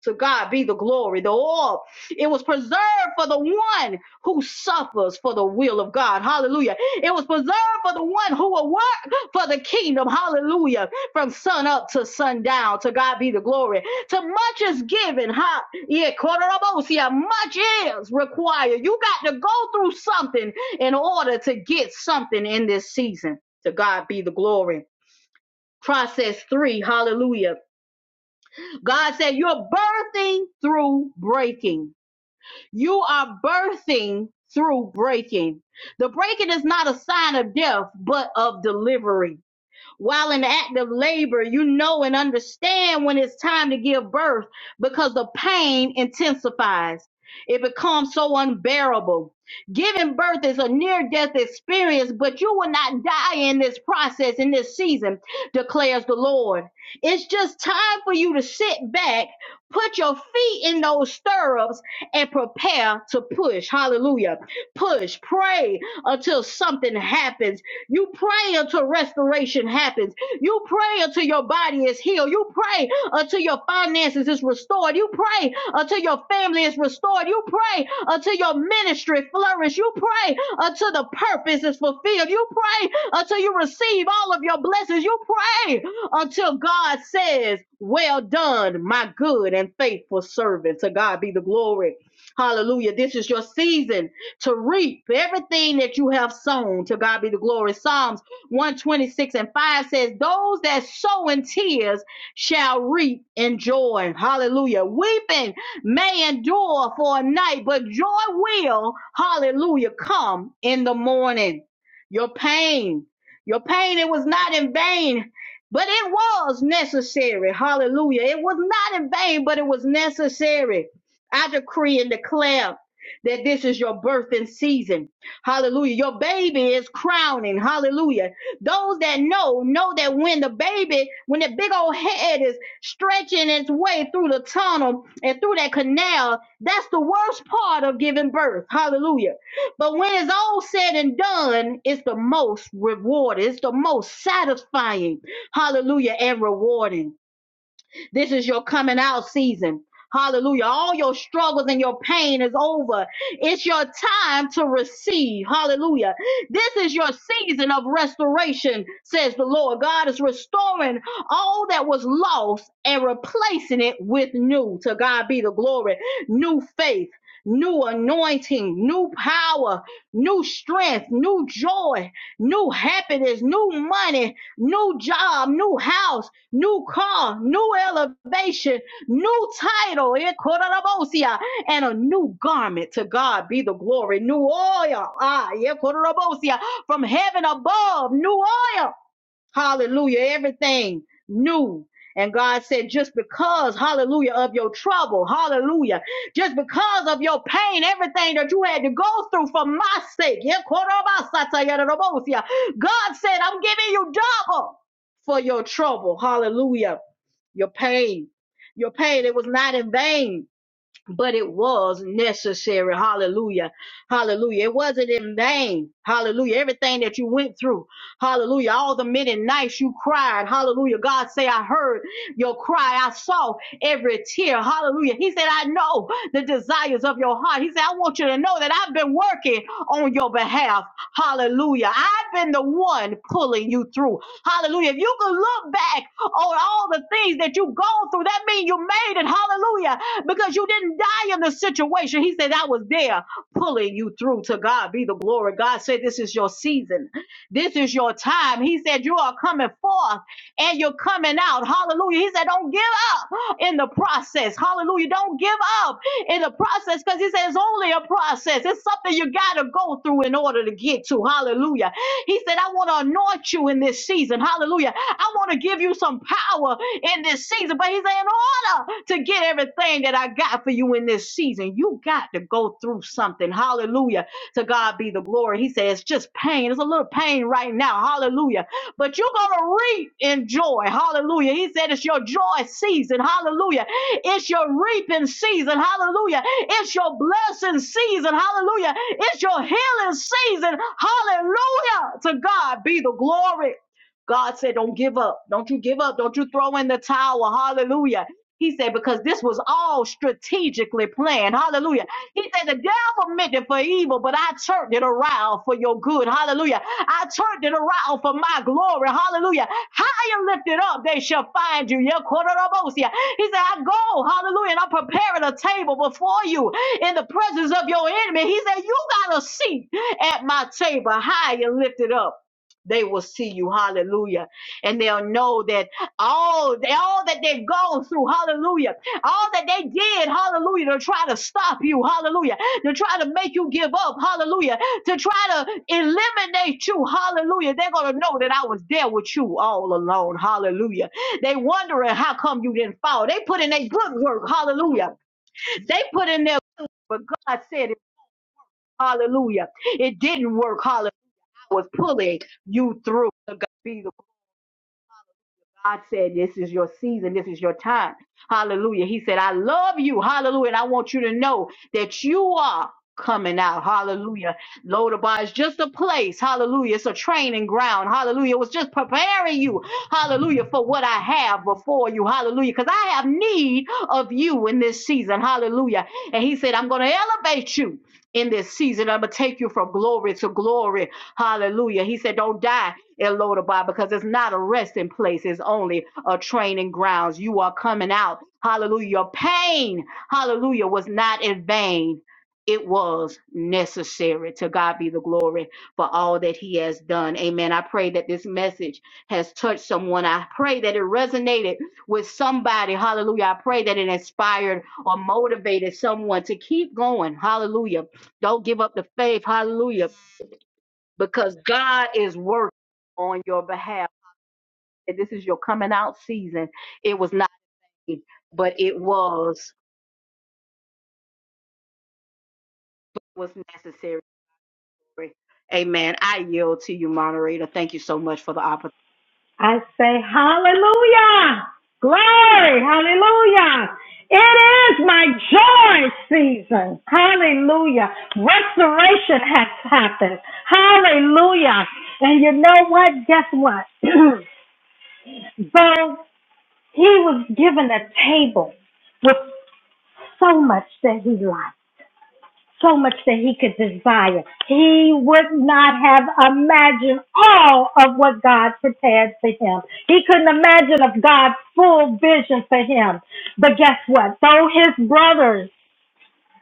To God be the glory, the all. It was preserved for the one who suffers for the will of God. Hallelujah. It was preserved for the one who will work for the kingdom. Hallelujah. From sun up to sundown. To God be the glory. To much is given. Ha. Yeah. Kororobosia. Much is required. You got to go through something in order to get something in this season. To God be the glory. Process three. Hallelujah God said, You're birthing through breaking. You are birthing through breaking. The breaking is not a sign of death, but of delivery while in active labor, you know and understand when it's time to give birth because the pain intensifies. It becomes so unbearable. Giving birth is a near death experience, but you will not die in this process, in this season, declares the Lord. It's just time for you to sit back, put your feet in those stirrups, and prepare to push. Hallelujah. Push, pray until something happens. You pray until restoration happens. You pray until your body is healed. You pray until your finances is restored. You pray until your family is restored. You pray until your ministry flourishes. You pray until the purpose is fulfilled. You pray until you receive all of your blessings. You pray until God says, Well done, my good and faithful servant. To God be the glory. Hallelujah. This is your season to reap everything that you have sown. To God be the glory. Psalms 126 and 5 says, Those that sow in tears shall reap in joy. Hallelujah. Weeping may endure for a night, but joy will, hallelujah, come in the morning. Your pain, your pain, it was not in vain. But it was necessary. Hallelujah. It was not in vain, but it was necessary. I decree and declare that this is your birthing season. Hallelujah. Your baby is crowning. Hallelujah. Those that know, know that when the baby, when the big old head is stretching its way through the tunnel and through that canal, that's the worst part of giving birth. Hallelujah. But when it's all said and done, it's the most rewarding, it's the most satisfying. Hallelujah. And rewarding. This is your coming out season. Hallelujah. All your struggles and your pain is over. It's your time to receive. Hallelujah. This is your season of restoration, says the Lord. God is restoring all that was lost and replacing it with new. To God be the glory. New faith, new anointing, new power, new strength, new joy, new happiness, new money, new job, new house, new car, new elevation, new title, eh, kororobosia, and a new garment. To God be the glory, new oil, ah, yeah, kororobosia, from heaven above, new oil. Hallelujah. Everything new. And God said, just because, hallelujah, of your trouble, hallelujah, just because of your pain, everything that you had to go through for my sake, yeah, God said, I'm giving you double for your trouble, hallelujah, your pain, your pain, it was not in vain but it was necessary. Hallelujah. Hallelujah. It wasn't in vain. Hallelujah. Everything that you went through. Hallelujah. All the many nights you cried. Hallelujah. God say, I heard your cry. I saw every tear. Hallelujah. He said, I know the desires of your heart. He said, I want you to know that I've been working on your behalf. Hallelujah. I've been the one pulling you through. Hallelujah. If you can look back on all the things that you've gone through, that means you made it. Hallelujah. Because you didn't die in the situation. He said, I was there pulling you through. To God be the glory. God said, This is your season. This is your time. He said, You are coming forth and you're coming out. Hallelujah. He said, Don't give up in the process. Hallelujah. Don't give up in the process because he said it's only a process. It's something you got to go through in order to get to. Hallelujah. He said, I want to anoint you in this season. Hallelujah. I want to give you some power in this season. But he said, In order to get everything that I got for you in this season, you got to go through something. Hallelujah. To God be the glory. He said, It's just pain. It's a little pain right now. Hallelujah but you're going to reap in joy. Hallelujah. He said it's your joy season. Hallelujah. It's your reaping season. Hallelujah. It's your blessing season. Hallelujah. It's your healing season. Hallelujah. To God be the glory. God said, Don't give up. Don't you give up. Don't you throw in the towel. Hallelujah. He said, Because this was all strategically planned. Hallelujah. He said, The devil meant it for evil, but I turned it around for your good. Hallelujah. I turned it around for my glory. Hallelujah. High and lifted up, they shall find you. Yeah, Kororobosia. He said, I go, hallelujah, and I'm preparing a table before you in the presence of your enemy. He said, You got a seat at my table, high and lifted up. They will see you, hallelujah, and they'll know that all, all that they've gone through, hallelujah all that they did, hallelujah, to try to stop you, hallelujah, to try to make you give up, hallelujah, to try to eliminate you, hallelujah. They're going to know that I was there with you all alone, hallelujah. They wondering how come you didn't fall. They put in their good work, hallelujah. They put in their good work, but God said it, hallelujah. It didn't work, hallelujah. I was pulling you through. To God be the God said, This is your season. This is your time. Hallelujah. He said, I love you. Hallelujah. And I want you to know that you are coming out. Hallelujah. Lodabar is just a place. Hallelujah. It's a training ground. Hallelujah. It was just preparing you. Hallelujah. For what I have before you. Hallelujah. Because I have need of you in this season. Hallelujah. And he said, I'm going to elevate you in this season. I'm going to take you from glory to glory. Hallelujah. He said, Don't die. Elodabah, because it's not a resting place, it's only a training grounds. You are coming out. Hallelujah. Your Pain, hallelujah, was not in vain. It was necessary. To God be the glory for all that He has done. Amen. I pray that this message has touched someone. I pray that it resonated with somebody. Hallelujah. I pray that it inspired or motivated someone to keep going. Hallelujah. Don't give up the faith. Hallelujah because God is working on your behalf. And this is your coming out season. It was not, but it was was necessary. Amen. I yield to you, moderator. Thank you so much for the opportunity. I say, Hallelujah! Glory! Hallelujah! It is my joy season. Hallelujah. Restoration has happened. Hallelujah. And you know what? Guess what? *clears throat* Though he was given a table with so much that he liked so much that he could desire. He would not have imagined all of what God prepared for him. He couldn't imagine of God's full vision for him. But guess what? Though his brothers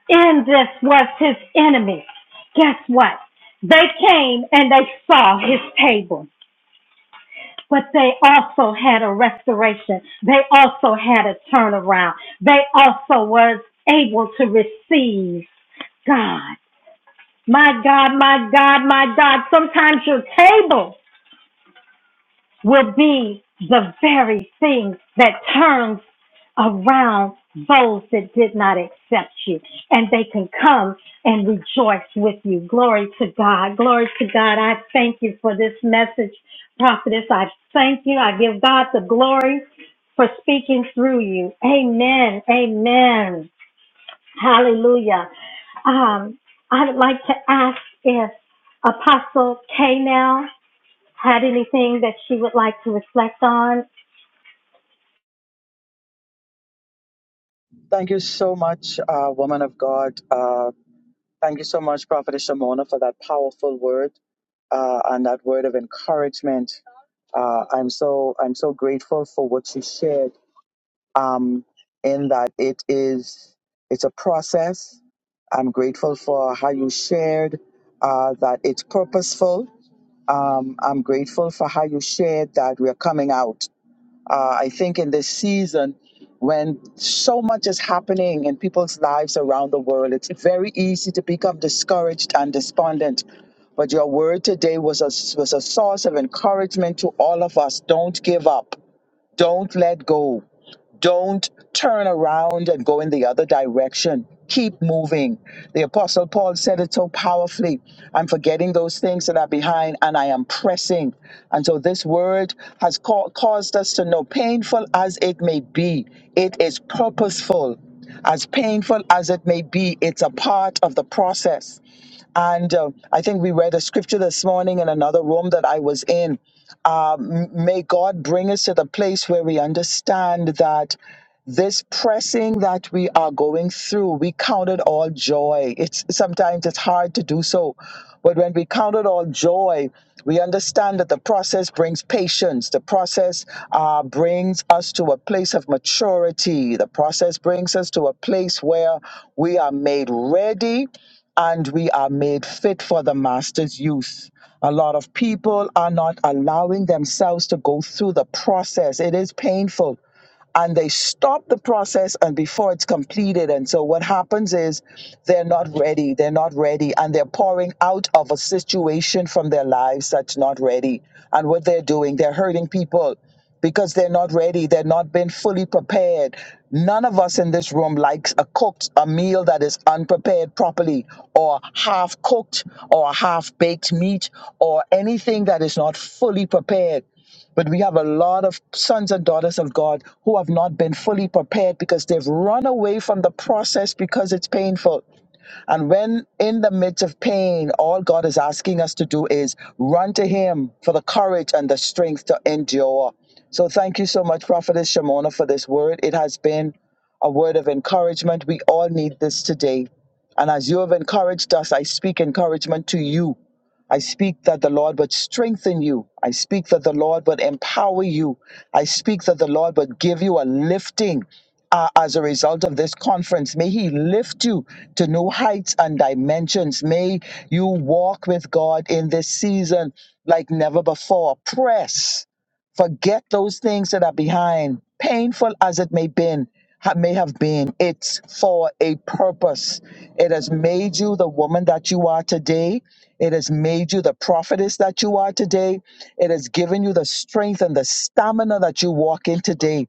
in this was his enemy, guess what? They came and they saw his table. But they also had a restoration. They also had a turnaround. They also was able to receive God. My God, my God, my God, sometimes your table will be the very thing that turns around those that did not accept you and they can come and rejoice with you. Glory to God. Glory to God. I thank you for this message, prophetess. I thank you. I give God the glory for speaking through you. Amen. Amen. Hallelujah. Um, I'd like to ask if Apostle K had anything that she would like to reflect on. Thank you so much, uh, woman of God. Uh, thank you so much, Prophetess Shamona, for that powerful word uh, and that word of encouragement. Uh, I'm so I'm so grateful for what you shared. Um, in that it is it's a process. I'm grateful for how you shared uh, that it's purposeful. Um, I'm grateful for how you shared that we are coming out. Uh, I think in this season, when so much is happening in people's lives around the world, it's very easy to become discouraged and despondent. But your word today was a, was a source of encouragement to all of us. Don't give up, don't let go. Don't turn around and go in the other direction. Keep moving. The Apostle Paul said it so powerfully I'm forgetting those things that are behind and I am pressing. And so this word has ca- caused us to know, painful as it may be, it is purposeful. As painful as it may be, it's a part of the process. And uh, I think we read a scripture this morning in another room that I was in um, may God bring us to the place where we understand that this pressing that we are going through, we count it all joy. It's sometimes it's hard to do so, but when we count it all joy, we understand that the process brings patience. The process uh, brings us to a place of maturity. The process brings us to a place where we are made ready and we are made fit for the master's use. A lot of people are not allowing themselves to go through the process. It is painful and they stop the process and before it's completed and so what happens is they're not ready they're not ready and they're pouring out of a situation from their lives that's not ready and what they're doing they're hurting people because they're not ready. They're not been fully prepared. None of us in this room likes a cooked a meal that is unprepared properly, or half cooked, or half baked meat, or anything that is not fully prepared. But we have a lot of sons and daughters of God who have not been fully prepared because they've run away from the process because it's painful. And when in the midst of pain, all God is asking us to do is run to Him for the courage and the strength to endure. So thank you so much, Prophetess Shimona, for this word. It has been a word of encouragement. We all need this today. And as you have encouraged us, I speak encouragement to you I speak that the Lord would strengthen you. I speak that the Lord would empower you. I speak that the Lord would give you a lifting uh, as a result of this conference. May He lift you to new heights and dimensions. May you walk with God in this season like never before. Press. Forget those things that are behind, painful as it may been, ha- may have been. It's for a purpose. It has made you the woman that you are today. It has made you the prophetess that you are today. It has given you the strength and the stamina that you walk in today.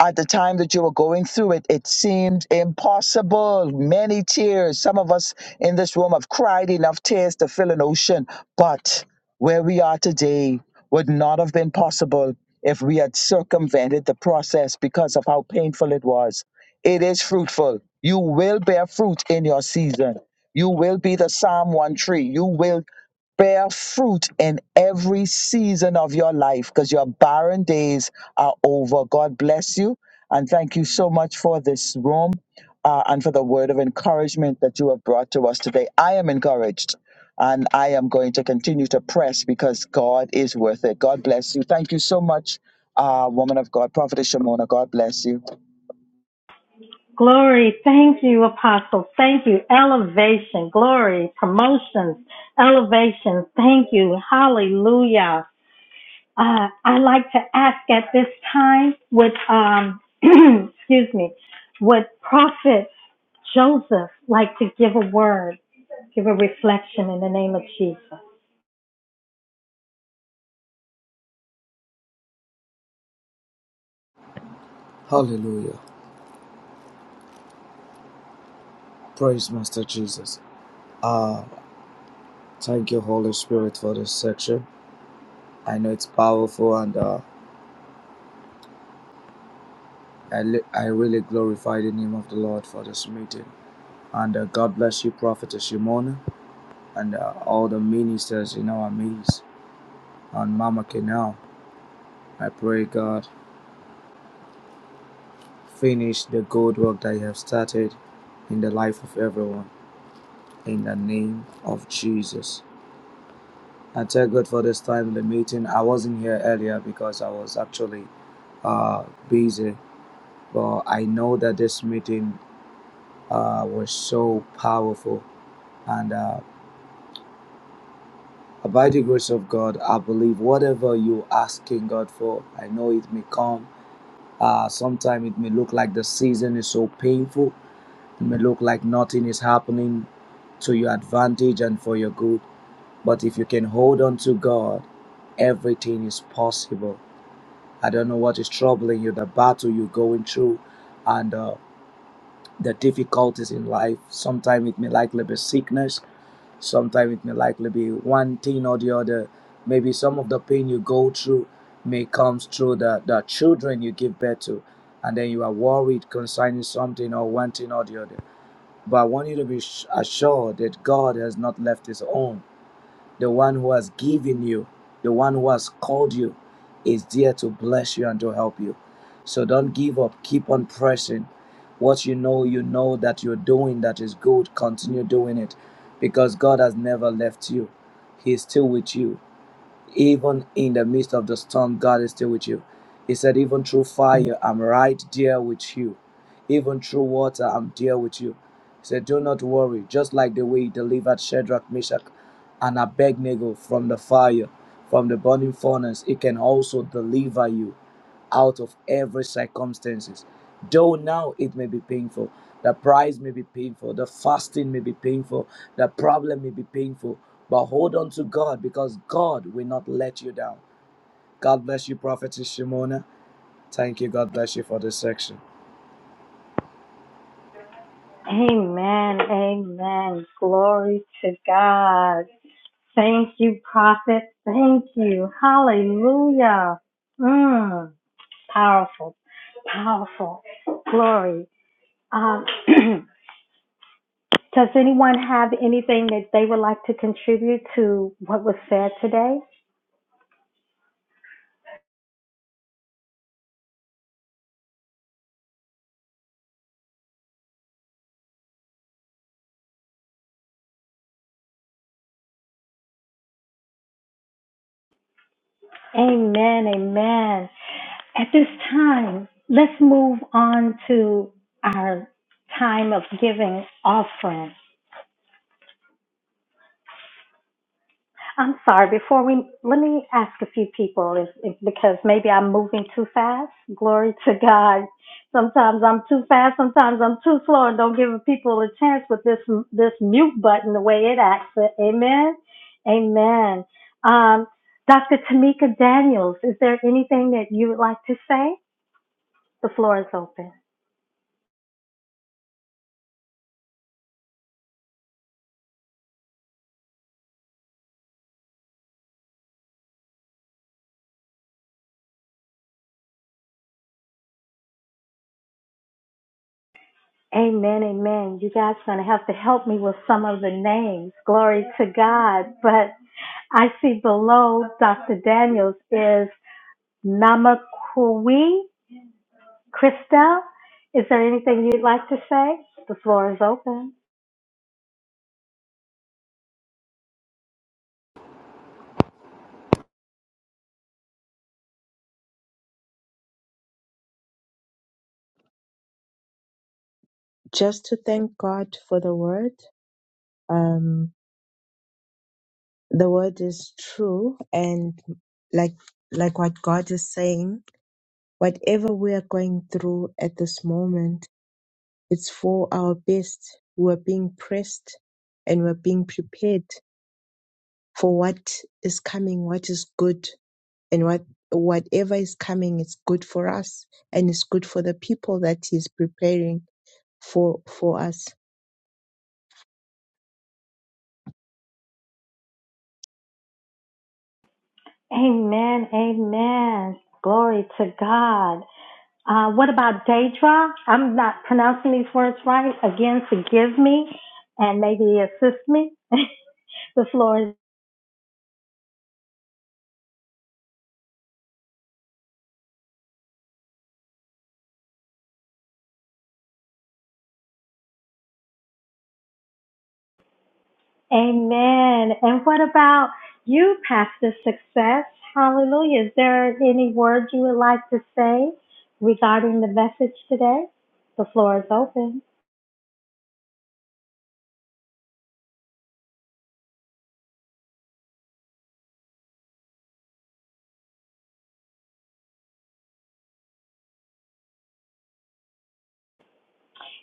At the time that you were going through it, it seemed impossible. Many tears. Some of us in this room have cried enough tears to fill an ocean. But where we are today would not have been possible if we had circumvented the process because of how painful it was. It is fruitful. You will bear fruit in your season. You will be the Psalm 1 tree. You will bear fruit in every season of your life because your barren days are over. God bless you. And thank you so much for this room uh, and for the word of encouragement that you have brought to us today. I am encouraged and I am going to continue to press because God is worth it. God bless you. Thank you so much, uh, woman of God, Prophetess Shimona. God bless you. Glory, thank you, Apostle. Thank you. Elevation, glory, promotions, elevation. Thank you. Hallelujah. Uh, I like to ask at this time, would um, *clears throat* excuse me, would Prophet Joseph like to give a word, give a reflection in the name of Jesus? Hallelujah. Praise Master Jesus. Uh, thank you, Holy Spirit, for this section. I know it's powerful, and uh, I, li- I really glorify the name of the Lord for this meeting. And uh, God bless you, Prophetess Shimona, and uh, all the ministers in our midst, and Mama Kenal. I pray, God, finish the good work that you have started in the life of everyone. In the name of Jesus. I thank God for this timely meeting. I wasn't here earlier because I was actually uh, busy, but I know that this meeting uh, was so powerful. And uh, by the grace of God, I believe whatever you're asking God for, I know it may come. Uh, Sometimes it may look like the season is so painful, it may look like nothing is happening to your advantage and for your good. But if you can hold on to God, everything is possible I don't know what is troubling you, the battle you're going through, and uh, the difficulties in life. Sometimes it may likely be sickness, sometimes it may likely be one thing or the other. Maybe some of the pain you go through may comes through the, the children you give birth to, and then you are worried concerning something or one thing or the other. But I want you to be assured that God has not left His own. The one who has given you, the one who has called you, is there to bless you and to help you. So don't give up. Keep on pressing. What you know, you know that you're doing that is good. Continue doing it because God has never left you. He is still with you. Even in the midst of the storm, God is still with you. He said, Even through fire, I'm right there with you. Even through water, I'm there with you. He said, Do not worry, just like the way he delivered Shadrach, Meshach, and Abednego from the fire, from the burning furnace, it can also deliver you out of every circumstances. Though now it may be painful, the price may be painful, the fasting may be painful, the problem may be painful, but hold on to God because God will not let you down. God bless you, Prophetess Shimona. Thank you. God bless you for this section. Amen. Amen. Glory to God. Thank you, prophet. Thank you. Hallelujah. Mm. Powerful. Powerful. Glory. Um, *clears throat* does anyone have anything that they would like to contribute to what was said today? Amen. Amen. At this time, let's move on to our time of giving offering. I'm sorry. Before we let me ask a few people if, if because maybe I'm moving too fast. Glory to God. Sometimes I'm too fast. Sometimes I'm too slow, and don't give people a chance with this this mute button the way it acts. Amen. Amen. Um, Dr. Tamika Daniels, is there anything that you would like to say? The floor is open. Amen, amen. You guys are going to have to help me with some of the names. Glory to God. But I see below Dr. Daniels is Namakui. Krista, is there anything you'd like to say? The floor is open. just to thank God for the word. Um, the word is true, and like like what God is saying, whatever we are going through at this moment, it's for our best. We're being pressed, and we're being prepared for what is coming, what is good, and what whatever is coming is good for us, and it's good for the people that He's preparing for for us. Amen. Amen. Glory to God. Uh, what about Daedra? I'm not pronouncing these words right. Again, forgive me and maybe assist me. *laughs* the floor is Amen. And what about you, Pastor Success? Hallelujah. Is there any word you would like to say regarding the message today? The floor is open.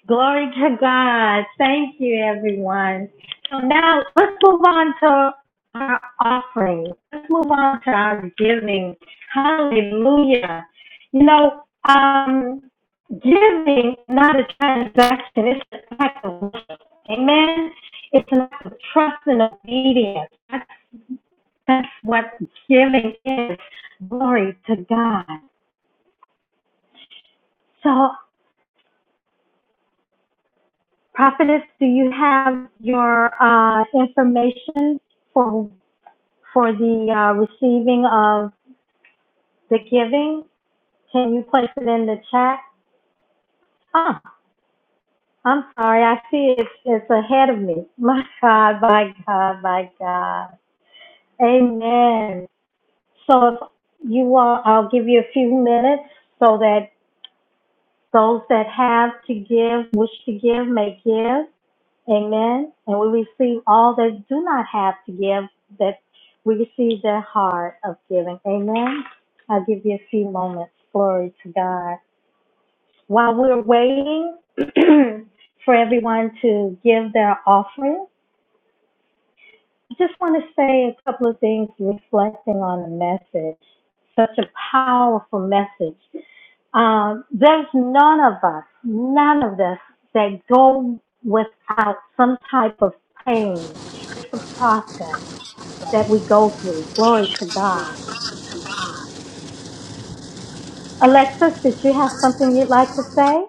Glory to God. Thank you, everyone. So now let's move on to our offering. Let's move on to our giving. Hallelujah. You know, um, giving not a transaction, it's an act of worship. Amen. It's an act of trust and obedience. That's, that's what giving is. Glory to God. So Prophetess, do you have your uh, information for for the uh, receiving of the giving? Can you place it in the chat? Oh, I'm sorry. I see it's it's ahead of me. *laughs* My God, my God, my God. Amen. So if you all, I'll give you a few minutes so that those that have to give, wish to give, may give. Amen. And we receive all that do not have to give, that we receive their heart of giving. Amen. I'll give you a few moments. Glory to God. While we're waiting *clears throat* for everyone to give their offering, I just want to say a couple of things reflecting on the message. Such a powerful message. Uh, there's none of us, none of us that go without some type of pain. It's a process that we go through. Glory to God. Alexis, did you have something you'd like to say?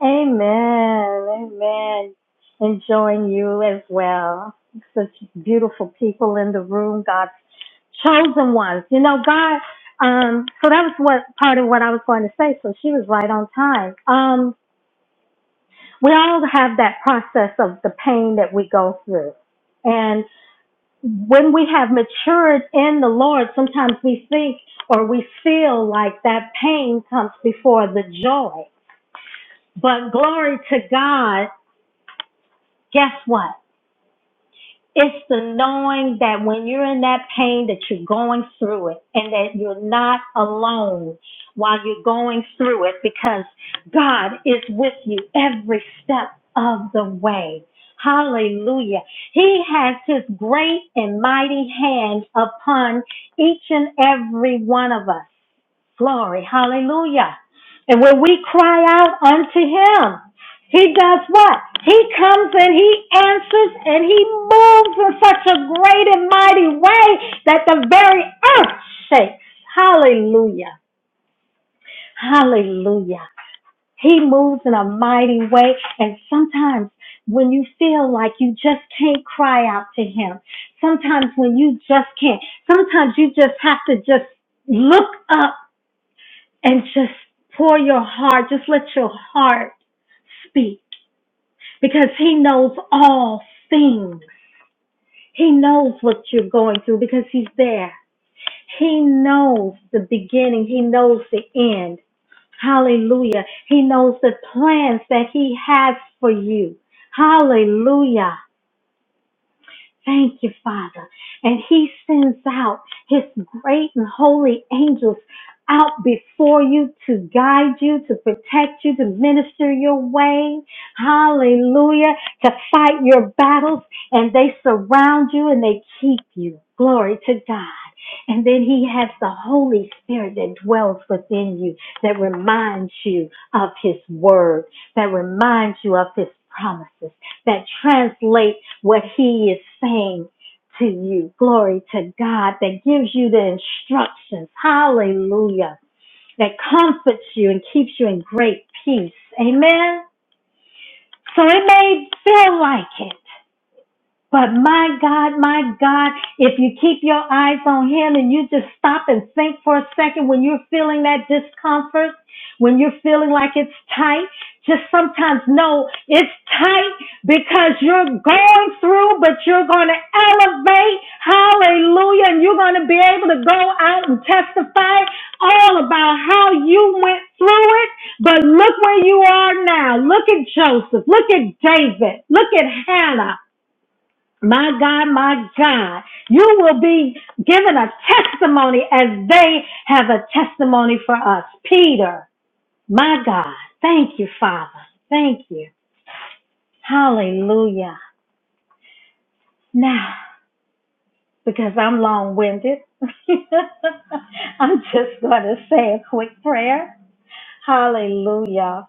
Amen. Amen. Enjoying you as well. Such beautiful people in the room, God's chosen ones. You know, God, um, so that was what part of what I was going to say. So she was right on time. Um, we all have that process of the pain that we go through. And when we have matured in the Lord, sometimes we think or we feel like that pain comes before the joy. But glory to God, guess what? It's the knowing that when you're in that pain that you're going through it and that you're not alone while you're going through it because God is with you every step of the way. Hallelujah. He has his great and mighty hand upon each and every one of us. Glory. Hallelujah. And when we cry out unto him, he does what? He comes and he answers and he moves in such a great and mighty way that the very earth shakes. Hallelujah. Hallelujah. He moves in a mighty way. And sometimes when you feel like you just can't cry out to him, sometimes when you just can't, sometimes you just have to just look up and just pour your heart, just let your heart speak because He knows all things. He knows what you're going through because He's there. He knows the beginning, He knows the end. Hallelujah. He knows the plans that He has for you. Hallelujah. Thank you, Father. And he sends out his great and holy angels out before you to guide you, to protect you, to minister your way. Hallelujah. To fight your battles. And they surround you and they keep you. Glory to God. And then he has the Holy Spirit that dwells within you, that reminds you of his word, that reminds you of his promises that translate what he is saying to you. Glory to God that gives you the instructions. Hallelujah. That comforts you and keeps you in great peace. Amen. So it may feel like it. But my God, my God, if you keep your eyes on Him and you just stop and think for a second when you're feeling that discomfort, when you're feeling like it's tight, just sometimes know it's tight because you're going through, but you're going to elevate. Hallelujah. And you're going to be able to go out and testify all about how you went through it. But look where you are now. Look at Joseph. Look at David. Look at Hannah. My God, my God, you will be given a testimony as they have a testimony for us. Peter, my God, thank you, Father. Thank you. Hallelujah. Now, because I'm long winded, *laughs* I'm just going to say a quick prayer. Hallelujah.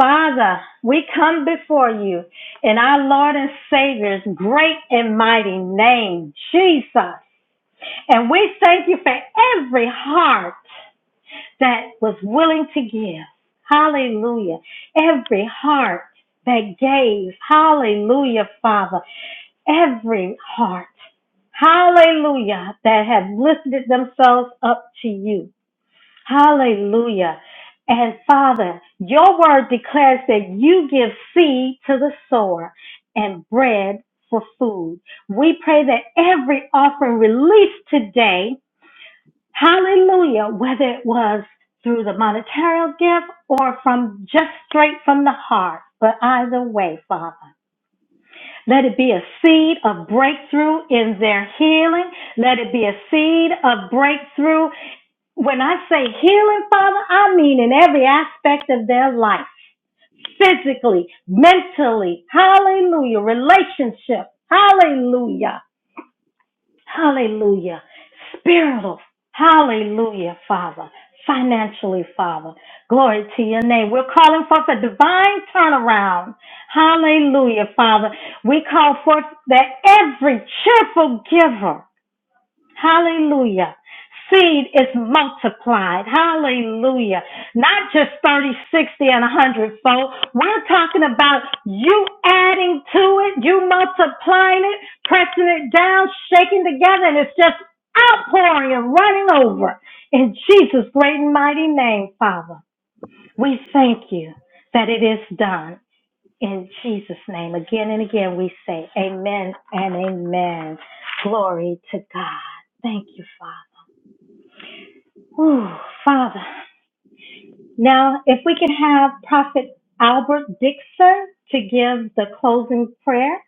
Father, we come before you in our Lord and Savior's great and mighty name, Jesus. And we thank you for every heart that was willing to give. Hallelujah. Every heart that gave. Hallelujah, Father. Every heart. Hallelujah. That have lifted themselves up to you. Hallelujah. And Father, your word declares that you give seed to the sower and bread for food. We pray that every offering released today Hallelujah. Whether it was through the monetary gift or from just straight from the heart. But either way, Father, let it be a seed of breakthrough in their healing. Let it be a seed of breakthrough. When I say healing, Father, I mean in every aspect of their life physically, mentally, hallelujah, relationship, hallelujah. Hallelujah. Spiritual. Hallelujah, Father. Financially, Father. Glory to your name. We're calling forth a divine turnaround. Hallelujah, Father. We call forth that every cheerful giver. Hallelujah. Seed is multiplied. Hallelujah. Not just thirty, sixty, 60, and 100 fold. We're talking about you adding to it, you multiplying it, pressing it down, shaking together, and it's just outpouring and running over. In Jesus' great and mighty name, Father, we thank you that it is done. In Jesus' name, again and again, we say amen and amen. Glory to God. Thank you, Father. Whew, Father. Now, if we can have Prophet Albert Dixon to give the closing prayer.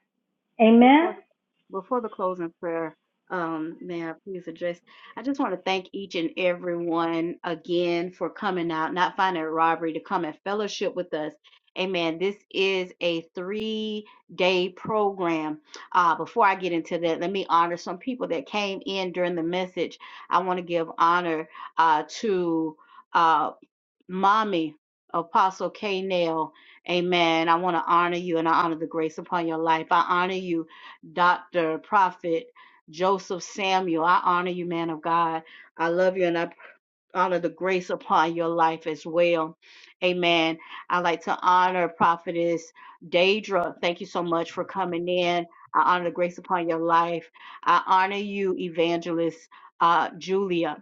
Amen. Before the before the closing prayer, um, may I please address? I just want to thank each and everyone again for coming out, not finding a robbery to come and fellowship with us. Amen. This is a three day program. Uh, before I get into that, let me honor some people that came in during the message. I want to give honor uh, to. Uh, Mommy, Apostle K. Nail, amen. I want to honor you and I honor the grace upon your life. I honor you, Dr. Prophet Joseph Samuel. I honor you, man of God. I love you and I honor the grace upon your life as well. Amen. I like to honor Prophetess Daedra. Thank you so much for coming in. I honor the grace upon your life. I honor you, Evangelist uh, Julia.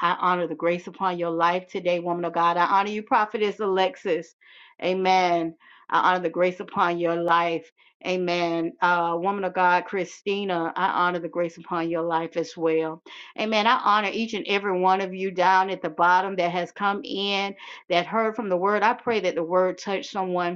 I honor the grace upon your life today, woman of God. I honor you, prophetess Alexis. Amen. I honor the grace upon your life. Amen. Uh, woman of God, Christina, I honor the grace upon your life as well. Amen. I honor each and every one of you down at the bottom that has come in, that heard from the word. I pray that the word touched someone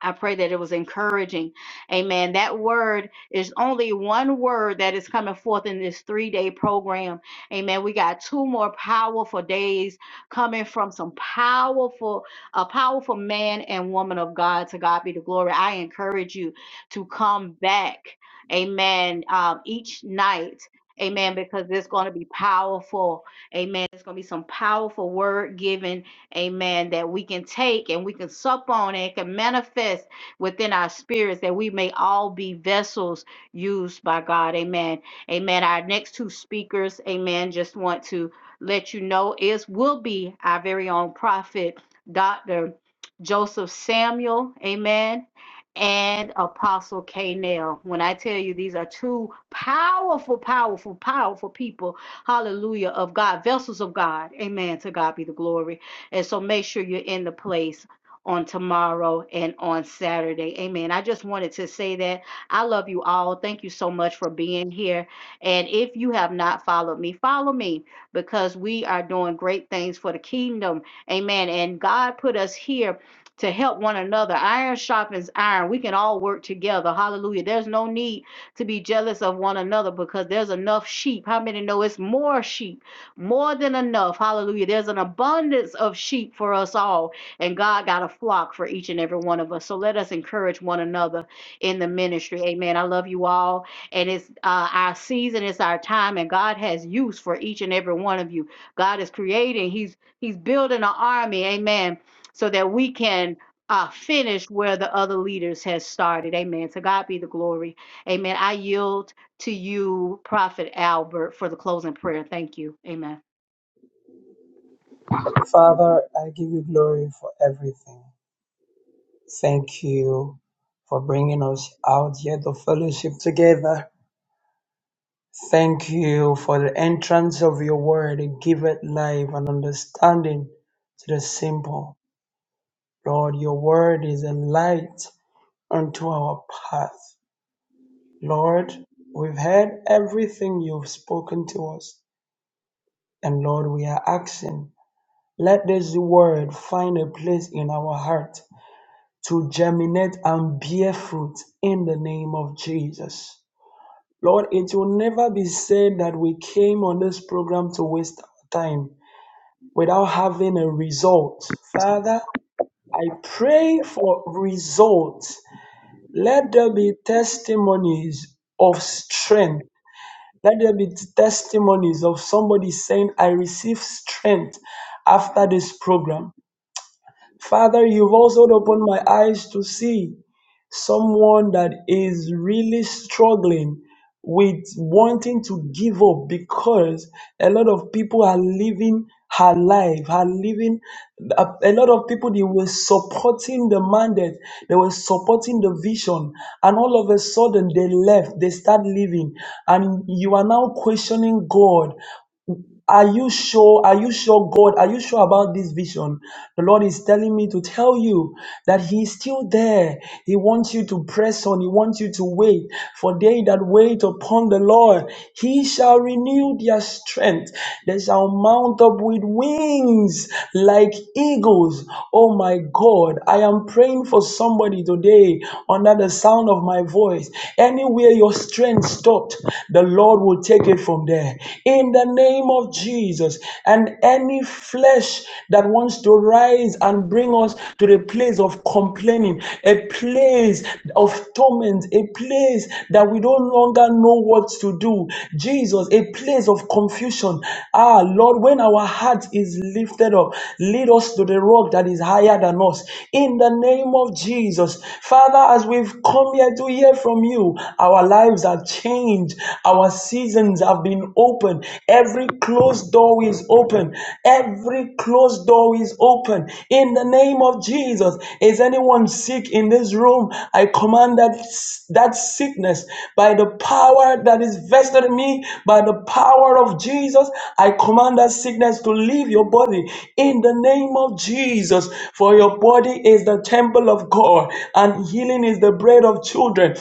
I pray that it was encouraging. Amen. That word is only one word that is coming forth in this three day program. Amen. We got two more powerful days coming from some powerful, a powerful man and woman of God. To God be the glory. I encourage you to come back. Amen. Um, each night. Amen. Because it's going to be powerful. Amen. It's going to be some powerful word given amen, that we can take and we can sup on and can manifest within our spirits that we may all be vessels used by God, amen. Amen. Our next two speakers, amen, just want to let you know is will be our very own prophet, Dr. Joseph Samuel, amen, and Apostle K. Nell. When I tell you these are two powerful, powerful, powerful people, hallelujah, of God, vessels of God, amen. To God be the glory. And so make sure you're in the place on tomorrow and on Saturday. Amen. I just wanted to say that. I love you all. Thank you so much for being here. And if you have not followed me, follow me because we are doing great things for the kingdom. Amen. And God put us here to help one another. Iron sharpens iron. We can all work together. Hallelujah. There's no need to be jealous of one another because there's enough sheep. How many know it's more sheep? more than enough. Hallelujah. There's an abundance of sheep for us all, and God got a flock for each and every one of us. So let us encourage one another in the ministry. Amen. I love you all. And it's uh, our season, it's our time, and God has use for each and every one of you. God is creating, He's He's building an army. Amen. So that we can uh, finish where the other leaders has started. Amen. To God be the glory. Amen. I yield to you, Prophet Albert, for the closing prayer. Thank you. Amen. Father, I give you glory for everything. Thank you for bringing us out here to fellowship together. Thank you for the entrance of your word. It giveth life and understanding to the simple. Lord, your word is a light unto our path. Lord, we've heard everything you've spoken to us. And Lord, we are asking, let this word find a place in our heart to germinate and bear fruit in the name of Jesus. Lord, it will never be said that we came on this program to waste our time without having a result. Father, I pray for results. Let there be testimonies of strength. Let there be testimonies of somebody saying, I receive strength after this program. Father, you've also opened my eyes to see someone that is really struggling with wanting to give up because a lot of people are living her life, are living a, a lot of people they were supporting the mandate, they were supporting the vision, and all of a sudden they left, they start living, and you are now questioning God. Are you sure? Are you sure, God? Are you sure about this vision? The Lord is telling me to tell you that He is still there. He wants you to press on. He wants you to wait. For they that wait upon the Lord, He shall renew their strength. They shall mount up with wings like eagles. Oh my God, I am praying for somebody today under the sound of my voice. Anywhere your strength stopped, the Lord will take it from there in the name of Jesus. And any flesh that wants to rise and bring us to the place of complaining, a place of torment, a place that we don't longer know what to do, Jesus, a place of confusion. Ah, Lord, when our heart is lifted up, lead us to the rock that is higher than us. In the name of Jesus, Father, as we've come here to hear from you, our lives are changed changed. Our seasons have been opened. Every closed door is open. Every closed door is open. In the name of Jesus, is anyone sick in this room? I command that, that sickness by the power that is vested in me, by the power of Jesus. I command that sickness to leave your body in the name of Jesus. For your body is the temple of God, and healing is the bread of children.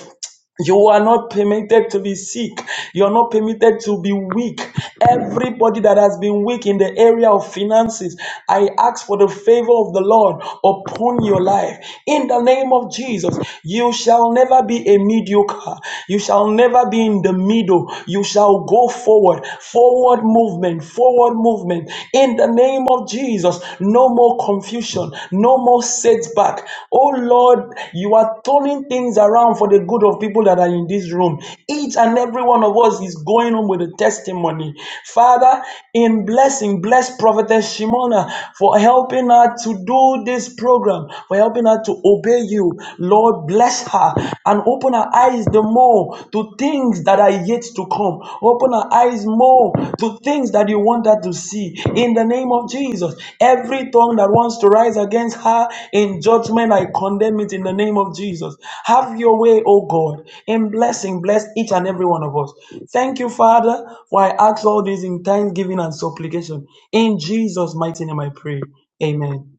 You are not permitted to be sick. You are not permitted to be weak. Everybody that has been weak in the area of finances, I ask for the favor of the Lord upon your life. In the name of Jesus, you shall never be a mediocre. You shall never be in the middle. You shall go forward. Forward movement, forward movement. In the name of Jesus. Jesus, no more confusion, no more setback. Oh Lord, you are turning things around for the good of people that are in this room. Each and every one of us is going home with a testimony. Father, in blessing, bless Prophetess Shimona for helping her to do this program, for helping her to obey you. Lord, bless her and open her eyes the more to things that are yet to come. Open our eyes more to things that you want us to see. In the name of Jesus, every tongue that wants to rise against her in judgment, I condemn it in the name of Jesus. Have your way, O God, in blessing, bless each and every one of us. Thank you, Father, for I ask all this in thanksgiving and supplication. In Jesus' mighty name, I pray. Amen.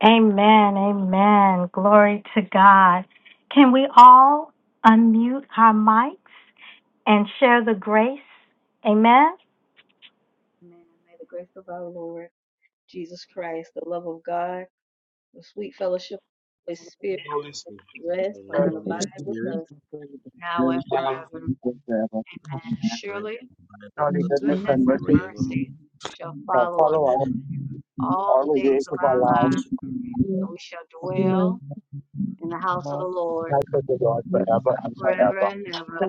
Amen. Amen. Glory to God. Can we all unmute our mics and share the grace? Amen. Amen. May the grace of our Lord Jesus Christ, the love of God, the sweet fellowship of His Spirit The Holy Because rest The and Spirit Holy abide with Spirit, us now and and now. forever. Amen. right, Surely abide with Surely us goodness goodness The now and and mercy mercy forevermore. shall shall follow us follow us Amen. and all all the the days days Ask of of our our lives, God lives, and we shall dwell Thank in the house of the forever. Lord and I the Lord forever and forever forever. and ever.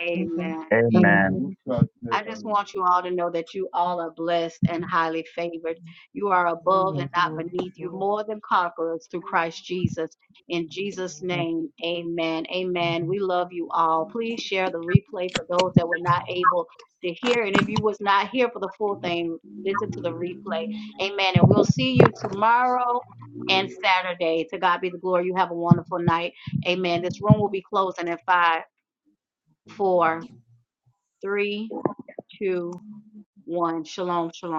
Amen. Amen. No, Amen. you. we started that I just already. want you all to know that you all are blessed and highly favored. You are above and not beneath. You're more than conquerors through Christ Jesus. In Jesus' name, amen. Amen. We love you all. Please share the replay for those that were not able to hear. And if you was not here for the full thing, listen to the replay. Amen. And we'll see you tomorrow and Saturday. To God be the glory. You have a wonderful night. Amen. This room will be closing in five, four, three, two, one. Shalom, shalom.